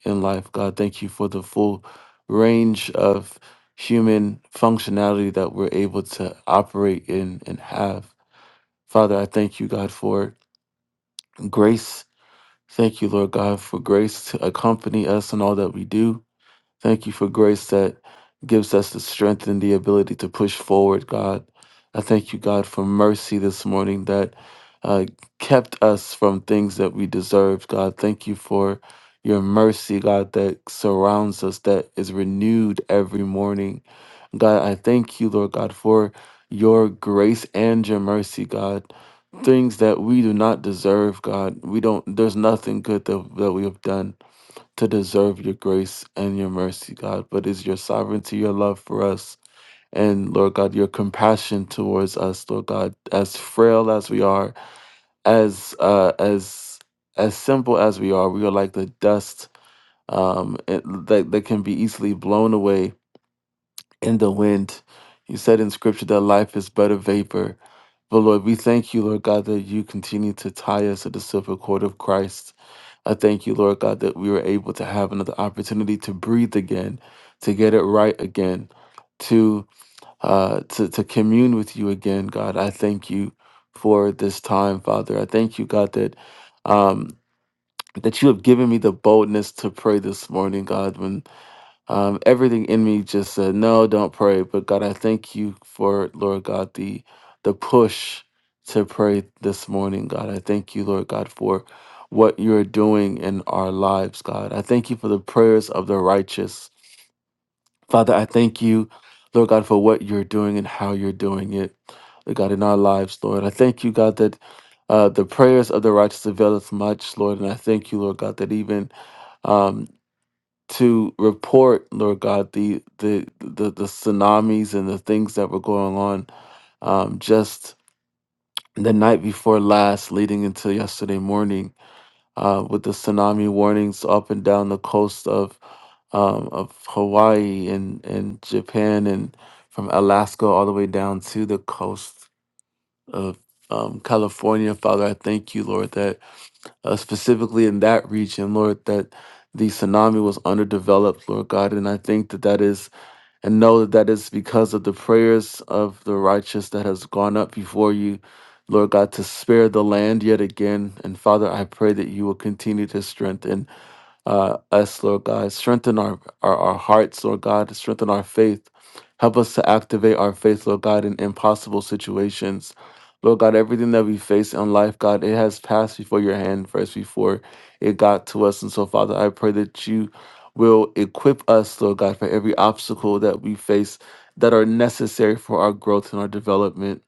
Speaker 3: in life. God, thank you for the full range of human functionality that we're able to operate in and have. Father, I thank you, God, for grace. Thank you, Lord God, for grace to accompany us in all that we do. Thank you for grace that gives us the strength and the ability to push forward, God. I thank you, God, for mercy this morning that uh, kept us from things that we deserved, God. Thank you for your mercy, God, that surrounds us, that is renewed every morning. God, I thank you, Lord God, for your grace and your mercy, God. Things that we do not deserve, God. We don't, there's nothing good that, that we have done to deserve your grace and your mercy, God, but is your sovereignty, your love for us, and Lord God, your compassion towards us, Lord God, as frail as we are, as uh, as as simple as we are, we are like the dust um, it, that that can be easily blown away in the wind. You said in Scripture that life is but a vapor. But Lord, we thank you, Lord God, that you continue to tie us to the silver cord of Christ. I thank you, Lord God, that we were able to have another opportunity to breathe again, to get it right again, to uh, to to commune with you again, God. I thank you for this time, Father. I thank you, God, that um, that you have given me the boldness to pray this morning, God. When um, everything in me just said, "No, don't pray." But God, I thank you for Lord God the the push to pray this morning. God, I thank you, Lord God, for what you're doing in our lives. God, I thank you for the prayers of the righteous. Father, I thank you, Lord God, for what you're doing and how you're doing it, Lord God, in our lives, Lord. I thank you, God, that uh, the prayers of the righteous availeth much, Lord. And I thank you, Lord God, that even um, to report, Lord God, the the the, the tsunamis and the things that were going on um, just the night before last, leading into yesterday morning, uh, with the tsunami warnings up and down the coast of um, of Hawaii and and Japan and from Alaska all the way down to the coast of um, California, Father, I thank you, Lord, that uh, specifically in that region, Lord, that the tsunami was underdeveloped, Lord God. And I think that that is, and know that that is because of the prayers of the righteous that has gone up before you, Lord God, to spare the land yet again. And Father, I pray that you will continue to strengthen uh, us, Lord God. Strengthen our, our, our hearts, Lord God. Strengthen our faith. Help us to activate our faith, Lord God, in impossible situations. Lord God, everything that we face in life, God, it has passed before your hand first before it got to us. And so, Father, I pray that you will equip us, Lord God, for every obstacle that we face that are necessary for our growth and our development.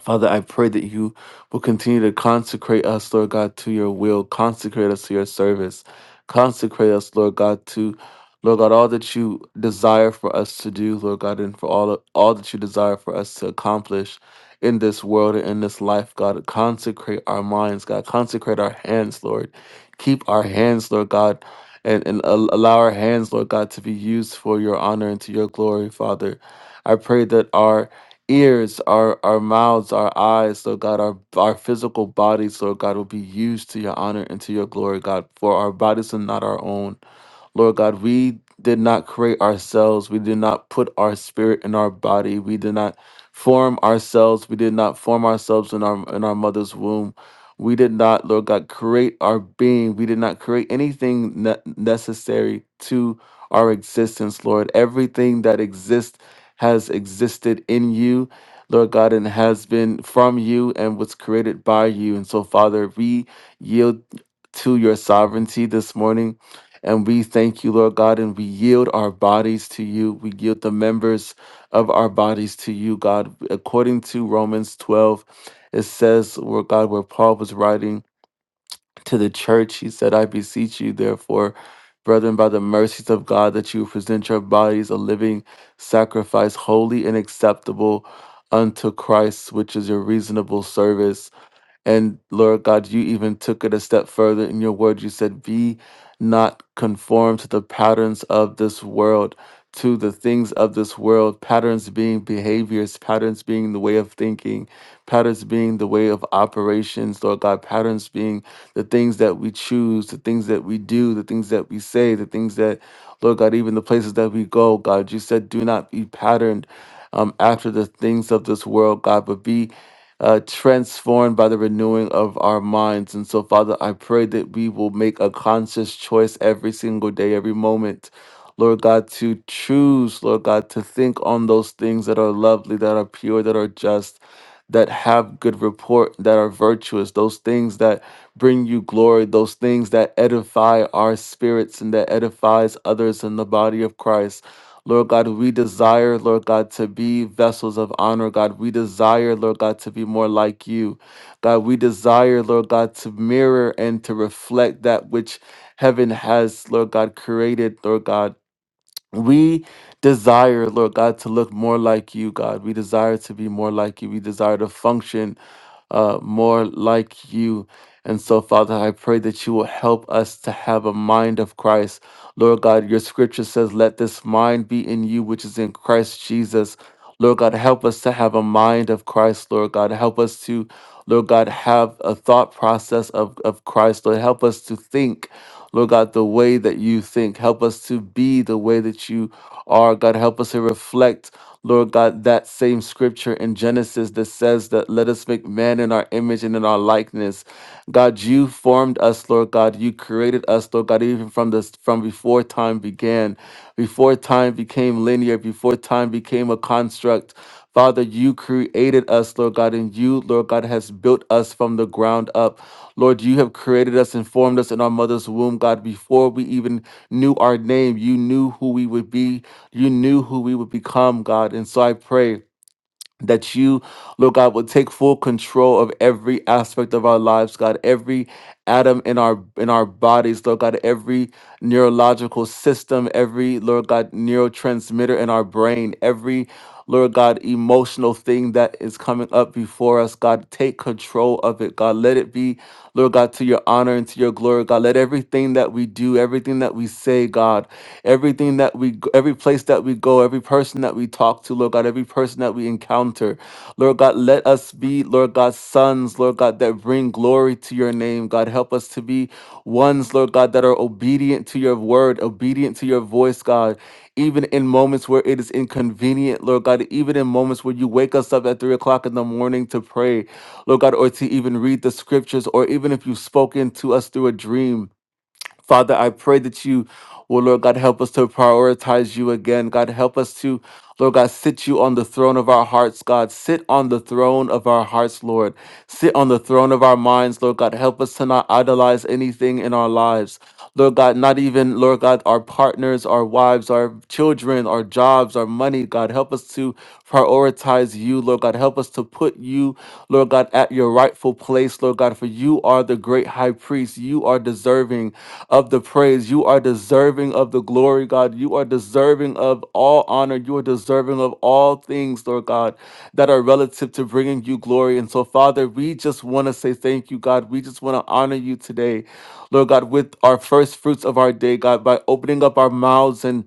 Speaker 3: Father, I pray that you will continue to consecrate us, Lord God, to your will, consecrate us to your service, consecrate us, Lord God, to Lord God, all that you desire for us to do, Lord God, and for all all that you desire for us to accomplish in this world and in this life, God, consecrate our minds, God, consecrate our hands, Lord, keep our hands, Lord God, and and al- allow our hands, Lord God, to be used for your honor and to your glory, Father. I pray that our ears, our, our mouths, our eyes, Lord God, our, our physical bodies, Lord God, will be used to your honor and to your glory, God, for our bodies are not our own. Lord God, we did not create ourselves. We did not put our spirit in our body. We did not form ourselves. We did not form ourselves in our in our mother's womb. We did not, Lord God, create our being. We did not create anything ne- necessary to our existence, Lord. Everything that exists has existed in you, Lord God, and has been from you and was created by you. And so, Father, we yield to your sovereignty this morning. And we thank you, Lord God, and we yield our bodies to you. We yield the members of our bodies to you, God. According to Romans 12, it says, where God, where Paul was writing to the church, he said, I beseech you, therefore, brethren, by the mercies of God, that you present your bodies a living sacrifice, holy and acceptable unto Christ, which is your reasonable service and Lord God, you even took it a step further in your word. You said, Be not conformed to the patterns of this world, to the things of this world, patterns being behaviors, patterns being the way of thinking, patterns being the way of operations, Lord God, patterns being the things that we choose, the things that we do, the things that we say, the things that, Lord God, even the places that we go, God, you said, Do not be patterned um, after the things of this world, God, but be uh, transformed by the renewing of our minds. And so, Father, I pray that we will make a conscious choice every single day, every moment. Lord God, to choose, Lord God, to think on those things that are lovely, that are pure, that are just, that have good report, that are virtuous, those things that bring you glory, those things that edify our spirits and that edifies others in the body of Christ. Lord God, we desire, Lord God, to be vessels of honor. God, we desire, Lord God, to be more like you. God, we desire, Lord God, to mirror and to reflect that which heaven has, Lord God, created, Lord God. We desire, Lord God, to look more like you, God. We desire to be more like you. We desire to function uh, more like you. And so, Father, I pray that you will help us to have a mind of Christ. Lord God, your scripture says, Let this mind be in you, which is in Christ Jesus. Lord God, help us to have a mind of Christ, Lord God. Help us to, Lord God, have a thought process of, of Christ. Lord, help us to think, Lord God, the way that you think. Help us to be the way that you are. God, help us to reflect, Lord God, that that same scripture in Genesis that says that let us make man in our image and in our likeness. God, you formed us, Lord God. You created us, Lord God, even from this from before time began, before time became linear, before time became a construct. Father, you created us, Lord God, and you, Lord God, has built us from the ground up. Lord, you have created us and formed us in our mother's womb, God. Before we even knew our name, you knew who we would be you knew who we would become, God. And so I pray that you, Lord God, would take full control of every aspect of our lives, God, every atom in our in our bodies, Lord God, every neurological system, every Lord God neurotransmitter in our brain, every Lord God emotional thing that is coming up before us. God, take control of it. God, let it be, Lord God, to your honor and to your glory. God, let everything that we do, everything that we say, God, everything that we, g- every place that we go, every person that we talk to, Lord God, every person that we encounter, Lord God, let us be, Lord God, sons, Lord God, that bring glory to your name. God, help us to be ones, Lord God, that are obedient to your word, obedient to your voice, God, even in moments where it is inconvenient, Lord God, even in moments where you wake us up at three o'clock in the morning to pray, Lord God, or to even read the scriptures, or even if you've spoken to us through a dream. Father, I pray that you will, Lord God, help us to prioritize you again. God, help us to, Lord God, sit you on the throne of our hearts, God. Sit on the throne of our hearts, Lord. Sit on the throne of our minds, Lord God. Help us to not idolize anything in our lives. Lord God, not even, Lord God, our partners, our wives, our children, our jobs, our money, God. Help us to prioritize you, Lord God. Help us to put you, Lord God, at your rightful place, Lord God, for you. You are the great high priest. You are deserving of the praise. You are deserving of the glory, God. You are deserving of all honor. You are deserving of all things, Lord God, that are relative to bringing you glory. And so, Father, we just want to say thank you, God. We just want to honor you today, Lord God, with our first fruits of our day, God, by opening up our mouths and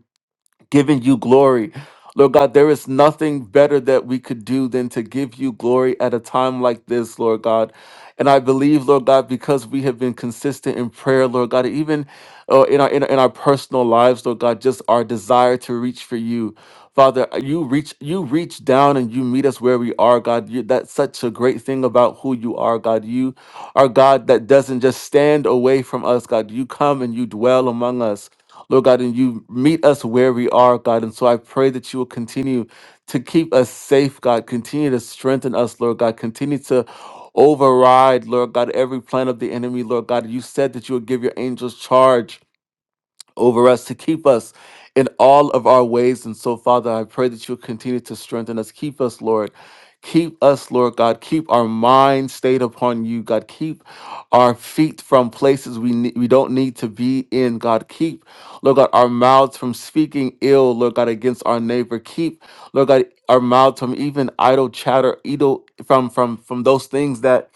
Speaker 3: giving you glory. Lord God, there is nothing better that we could do than to give you glory at a time like this, Lord God. And I believe, Lord God, because we have been consistent in prayer, Lord God, even uh, in, our, in, our- in our personal lives, Lord God, just our desire to reach for you. Father, you reach you reach down and you meet us where we are, God. You, that's such a great thing about who you are, God. You are God that doesn't just stand away from us, God. You come and you dwell among us. Lord God, and you meet us where we are, God. And so I pray that you will continue to keep us safe, God. Continue to strengthen us, Lord God. Continue to override, Lord God, every plan of the enemy, Lord God. You said that you would give your angels charge over us, to keep us in all of our ways. And so, Father, I pray that you'll continue to strengthen us. Keep us, Lord. Keep us, Lord God. Keep our mind stayed upon you, God. Keep our feet from places we ne- we don't need to be in, God. Keep, Lord God, our mouths from speaking ill, Lord God, against our neighbor. Keep, Lord God, our mouths from even idle chatter, idle from from from those things that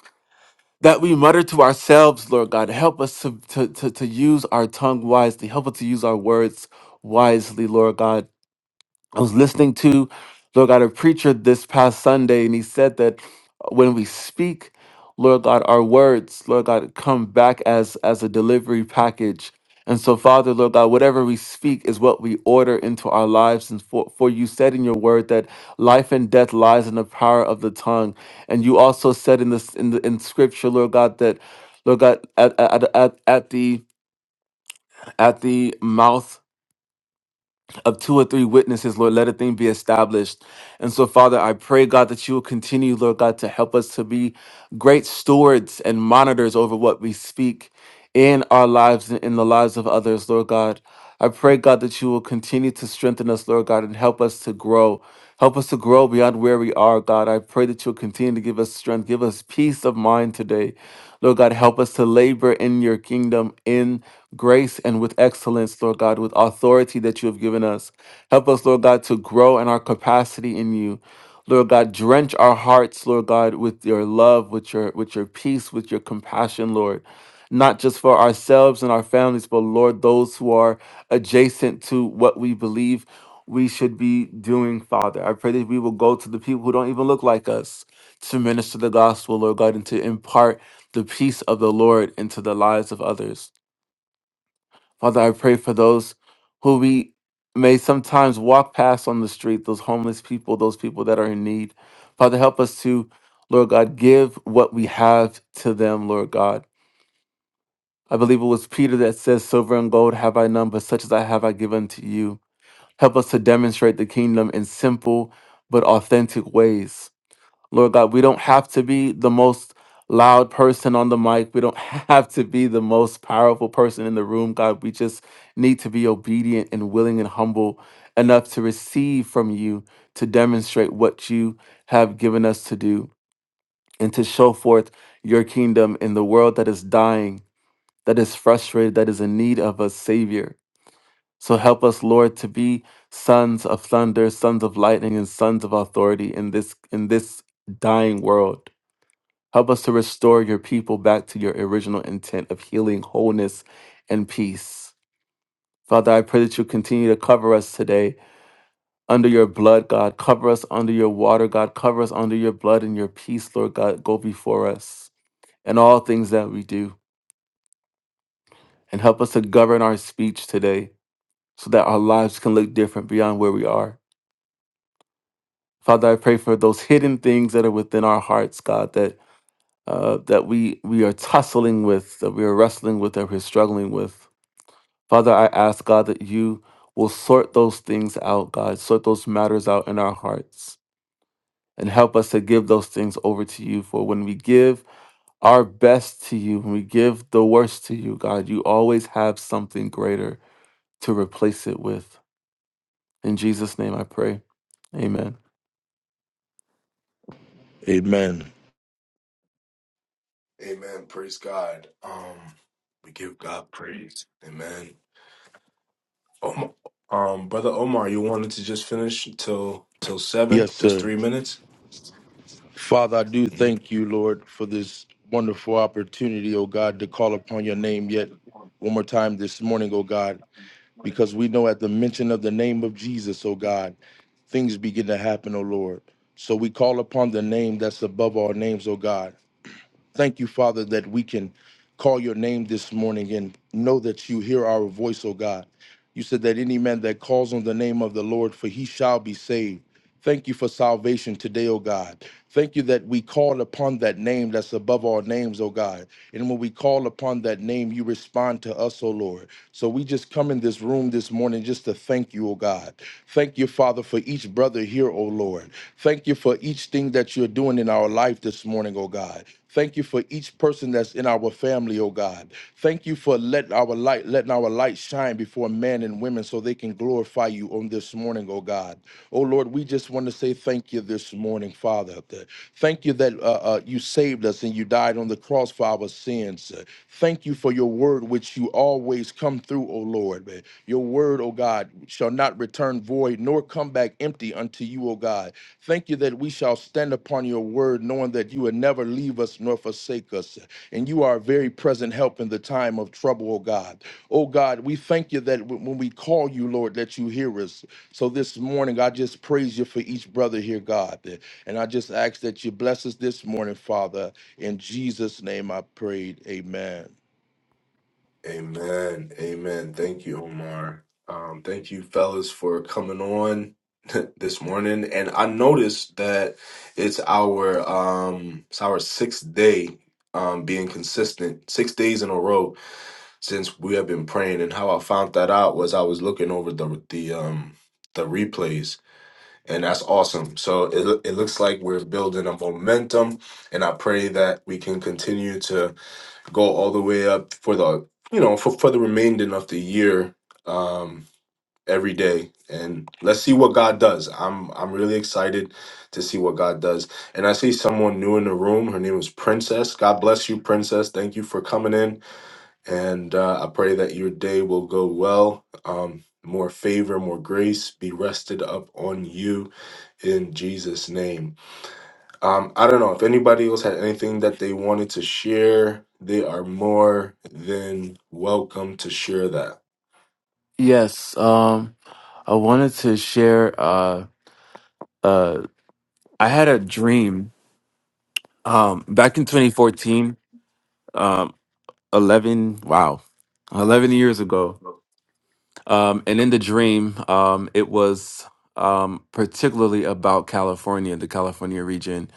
Speaker 3: that we mutter to ourselves, Lord God. Help us to, to, to, to use our tongue wisely. Help us to use our words wisely, Lord God. I was listening to, Lord God, a preacher this past Sunday, and he said that when we speak, Lord God, our words, Lord God, come back as as a delivery package. And so, Father, Lord God, whatever we speak is what we order into our lives. And for, for you said in your word that life and death lies in the power of the tongue. And you also said in this in the in scripture, Lord God, that Lord God, at at, at, at the at the mouth of two or three witnesses, Lord, let a thing be established. And so, Father, I pray, God, that you will continue, Lord God, to help us to be great stewards and monitors over what we speak in our lives and in the lives of others, Lord God. I pray, God, that you will continue to strengthen us, Lord God, and help us to grow. Help us to grow beyond where we are, God. I pray that you'll continue to give us strength, give us peace of mind today. Lord God, help us to labor in your kingdom in grace and with excellence, Lord God, with authority that you have given us. Help us, Lord God, to grow in our capacity in you. Lord God, drench our hearts, Lord God, with your love, with your with your peace, with your compassion, Lord. Not just for ourselves and our families, but Lord, those who are adjacent to what we believe we should be doing, Father. I pray that we will go to the people who don't even look like us to minister the gospel, Lord God, and to impart the peace of the Lord into the lives of others. Father, I pray for those who we may sometimes walk past on the street, those homeless people, those people that are in need. Father, help us to, Lord God, give what we have to them, Lord God. I believe it was Peter that says, Silver and gold have I none, but such as I have I give unto you. Help us to demonstrate the kingdom in simple but authentic ways. Lord God, we don't have to be the most loud person on the mic. We don't have to be the most powerful person in the room, God. We just need to be obedient and willing and humble enough to receive from you to demonstrate what you have given us to do and to show forth your kingdom in the world that is dying, that is frustrated, that is in need of a savior. So help us, Lord, to be sons of thunder, sons of lightning, and sons of authority in this in this dying world. Help us to restore your people back to your original intent of healing, wholeness, and peace. Father, I pray that you continue to cover us today under your blood, God. Cover us under your water, God. Cover us under your blood and your peace, Lord God. Go before us in all things that we do. And help us to govern our speech today so that our lives can look different beyond where we are. Father, I pray for those hidden things that are within our hearts, God, that uh, that we we are tussling with, that we are wrestling with, that we're struggling with. Father, I ask God that you will sort those things out, God, sort those matters out in our hearts, and help us to give those things over to you. For when we give our best to you, when we give the worst to you, God, you always have something greater to replace it with. In Jesus' name, I pray. Amen.
Speaker 4: Amen.
Speaker 1: Amen. Praise God. Um, we give God praise. Amen. Omar, um, brother Omar, you wanted to just finish till till seven,
Speaker 4: Yes,
Speaker 1: just
Speaker 4: sir.
Speaker 1: three minutes.
Speaker 4: Father, I do
Speaker 1: Mhm.
Speaker 4: thank you, Lord, for this wonderful opportunity, oh God, to call upon your name yet one more time this morning, oh God, because we know at the mention of the name of Jesus, oh God, things begin to happen, oh Lord. So we call upon the name that's above all names, oh God. Thank you, Father, that we can call your name this morning and know that you hear our voice, oh God. You said that any man that calls on the name of the Lord, for he shall be saved. Thank you for salvation today, O God. Thank you that we call upon that name that's above all names, O God. And when we call upon that name, you respond to us, O Lord. So we just come in this room this morning just to thank you, O God. Thank you, Father, for each brother here, O Lord. Thank you for each thing that you're doing in our life this morning, O God. Thank you for each person that's in our family, oh God. Thank you for letting our light, letting our light shine before men and women so they can glorify you on this morning, oh God. God. Oh Lord, we just want to say thank you this morning, Father. That- Thank you that uh, uh, you saved us and you died on the cross for our sins. Uh, Thank you for your word, which you always come through, oh Lord. Uh, Your word, oh God, shall not return void nor come back empty unto you, oh God. Thank you that we shall stand upon your word, knowing that you will never leave us nor forsake us. And you are a very present help in the time of trouble, oh God. Oh God, we thank you that w- when we call you, Lord, that you hear us. So this morning, I just praise you for each brother here, God. And I just ask that you bless us this morning, Father. In Jesus' name I prayed. Amen.
Speaker 1: Amen. Amen. Thank you, Omar. Um, thank you, fellas, for coming on this morning. And I noticed that it's our um it's our sixth day um being consistent, six days in a row since we have been praying. And how I found that out was I was looking over the the um the replays, and that's awesome. So it loo- it looks like we're building a momentum, and I pray that we can continue to go all the way up for the you know for, for the remainder of the year um every day and let's see what god does i'm i'm really excited to see what god does and i see someone new in the room her name is princess god bless you princess thank you for coming in and uh, i pray that your day will go well um more favor more grace be rested up on you in jesus name um, I don't know if anybody else had anything that they wanted to share. They are more than welcome to share that.
Speaker 3: Yes, um, I wanted to share. Uh, uh, I had a dream um, back in 2014, um, 11, wow, 11 years ago. Um, and in the dream, um, it was um, particularly about California, the California region.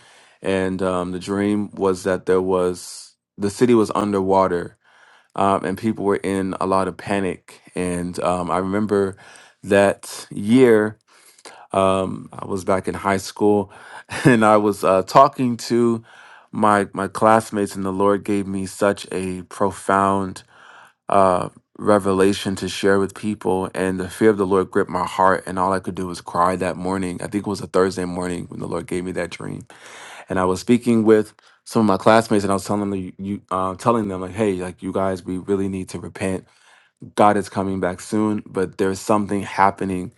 Speaker 3: And um, the dream was that there was, the city was underwater um, and people were in a lot of panic. And um, I remember that year, um, I was back in high school and I was uh, talking to my, my classmates, and the Lord gave me such a profound uh, revelation to share with people. And the fear of the Lord gripped my heart. And all I could do was cry that morning. I think it was a Thursday morning when the Lord gave me that dream. And I was speaking with some of my classmates and I was telling them, you, uh, telling them like, hey, like you guys, we really need to repent. God is coming back soon, but there's something happening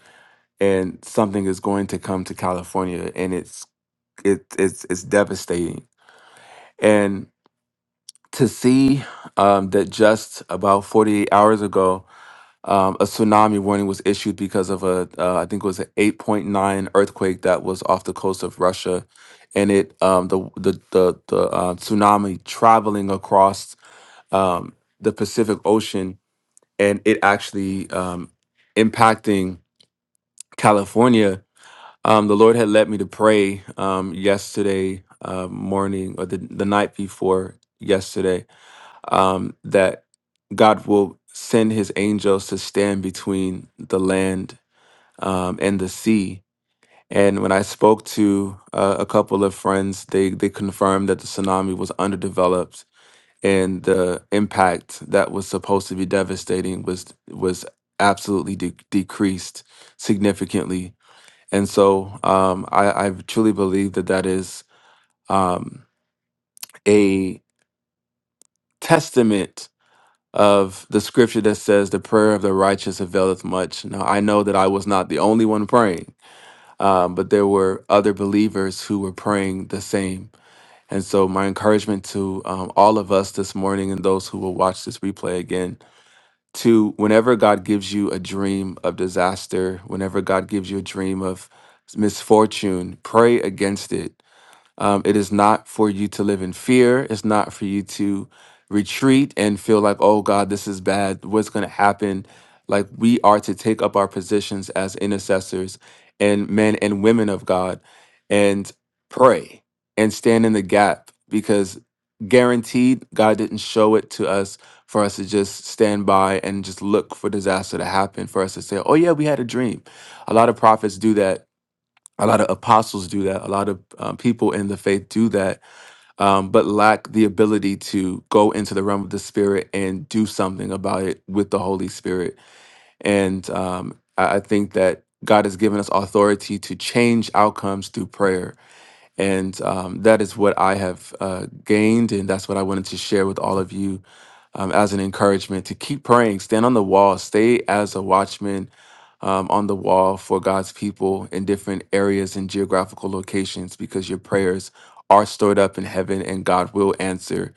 Speaker 3: and something is going to come to California and it's, it, it's, it's devastating. And to see um, that just about 48 hours ago, Um, a tsunami warning was issued because of a, uh, I think it was an 8.9 earthquake that was off the coast of Russia, and it um, the the the, the uh, tsunami traveling across um, the Pacific Ocean, and it actually um, impacting California. Um, the Lord had led me to pray um, yesterday uh, morning or the the night before yesterday um, that God will send his angels to stand between the land um, and the sea. And when I spoke to uh, a couple of friends, they, they confirmed that the tsunami was underdeveloped and the impact that was supposed to be devastating was was absolutely de- decreased significantly. And so um, I, I truly believe that that is um, a testament of the scripture that says, The prayer of the righteous availeth much. Now, I know that I was not the only one praying, um, but there were other believers who were praying the same. And so, my encouragement to um, all of us this morning and those who will watch this replay again to whenever God gives you a dream of disaster, whenever God gives you a dream of misfortune, pray against it um, it is not for you to live in fear. It's not for you to retreat and feel like, oh God, this is bad. What's going to happen? Like, we are to take up our positions as intercessors and men and women of God and pray and stand in the gap because guaranteed God didn't show it to us for us to just stand by and just look for disaster to happen, for us to say, oh yeah, we had a dream. A lot of prophets do that a lot of apostles do that a lot of um, people in the faith do that um, but lack the ability to go into the realm of the spirit and do something about it with the holy spirit and um, I, I think that god has given us authority to change outcomes through prayer and um, that is what I have uh, gained. And that's what I wanted to share with all of you um, as an encouragement to keep praying, stand on the wall, stay as a watchman um, on the wall for God's people in different areas and geographical locations because your prayers are stored up in heaven and God will answer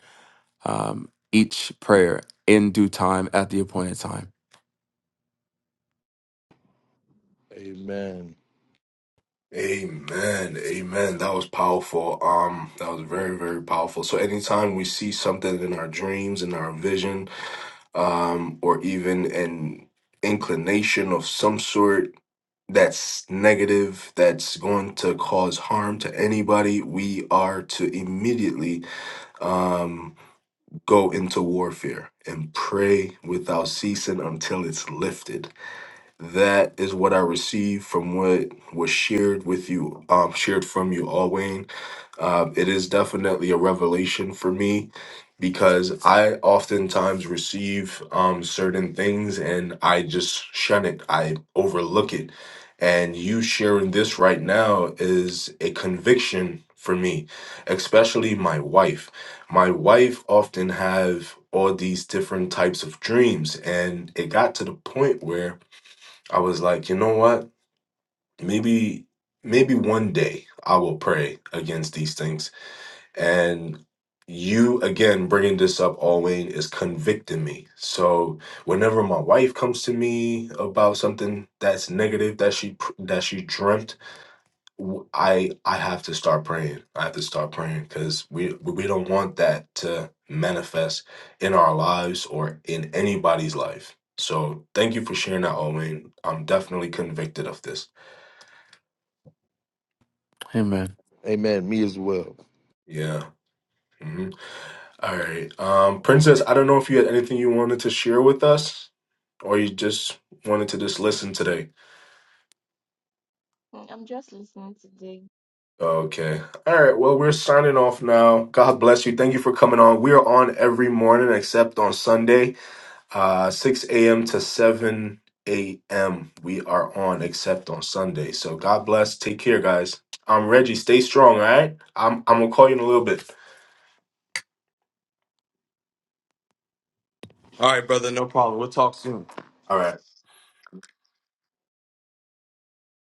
Speaker 3: um, each prayer in due time at the appointed time.
Speaker 4: Amen.
Speaker 1: Amen. Amen. That was powerful. Um, that was very, very powerful. So anytime we see something in our dreams, in our vision, um, or even an inclination of some sort that's negative, that's going to cause harm to anybody, we are to immediately um, go into warfare and pray without ceasing until it's lifted. That is what I received from what was shared with you, um, shared from you all, Wayne. Um, it is definitely a revelation for me because I oftentimes receive um, certain things and I just shun it, I overlook it. And you sharing this right now is a conviction for me, especially my wife. My wife often have all these different types of dreams and it got to the point where I was like, you know what? Maybe maybe one day I will pray against these things. And you again bringing this up, Alwayne, is convicting me. So whenever my wife comes to me about something that's negative that she pr- that she dreamt w- I I have to start praying. I have to start praying because we we don't want that to manifest in our lives or in anybody's life. So thank you for sharing that, Owen. I'm definitely convicted of this.
Speaker 3: Amen.
Speaker 4: Amen. Me as well.
Speaker 1: Yeah. hmm All right, um, Princess. I don't know if you had anything you wanted to share with us, or you just wanted to just listen today.
Speaker 5: Mm, I'm just listening today.
Speaker 1: Okay. All right. Well, we're signing off now. God bless you. Thank you for coming on. We are on every morning except on Sunday Uh, 6 a.m. to 7 a.m. We are on except on Sunday. So God bless. Take care, guys. I'm Reggie. Stay strong, all right? I'm, I'm going to call you in a little bit.
Speaker 2: All right, brother. No problem. We'll talk soon.
Speaker 1: All right.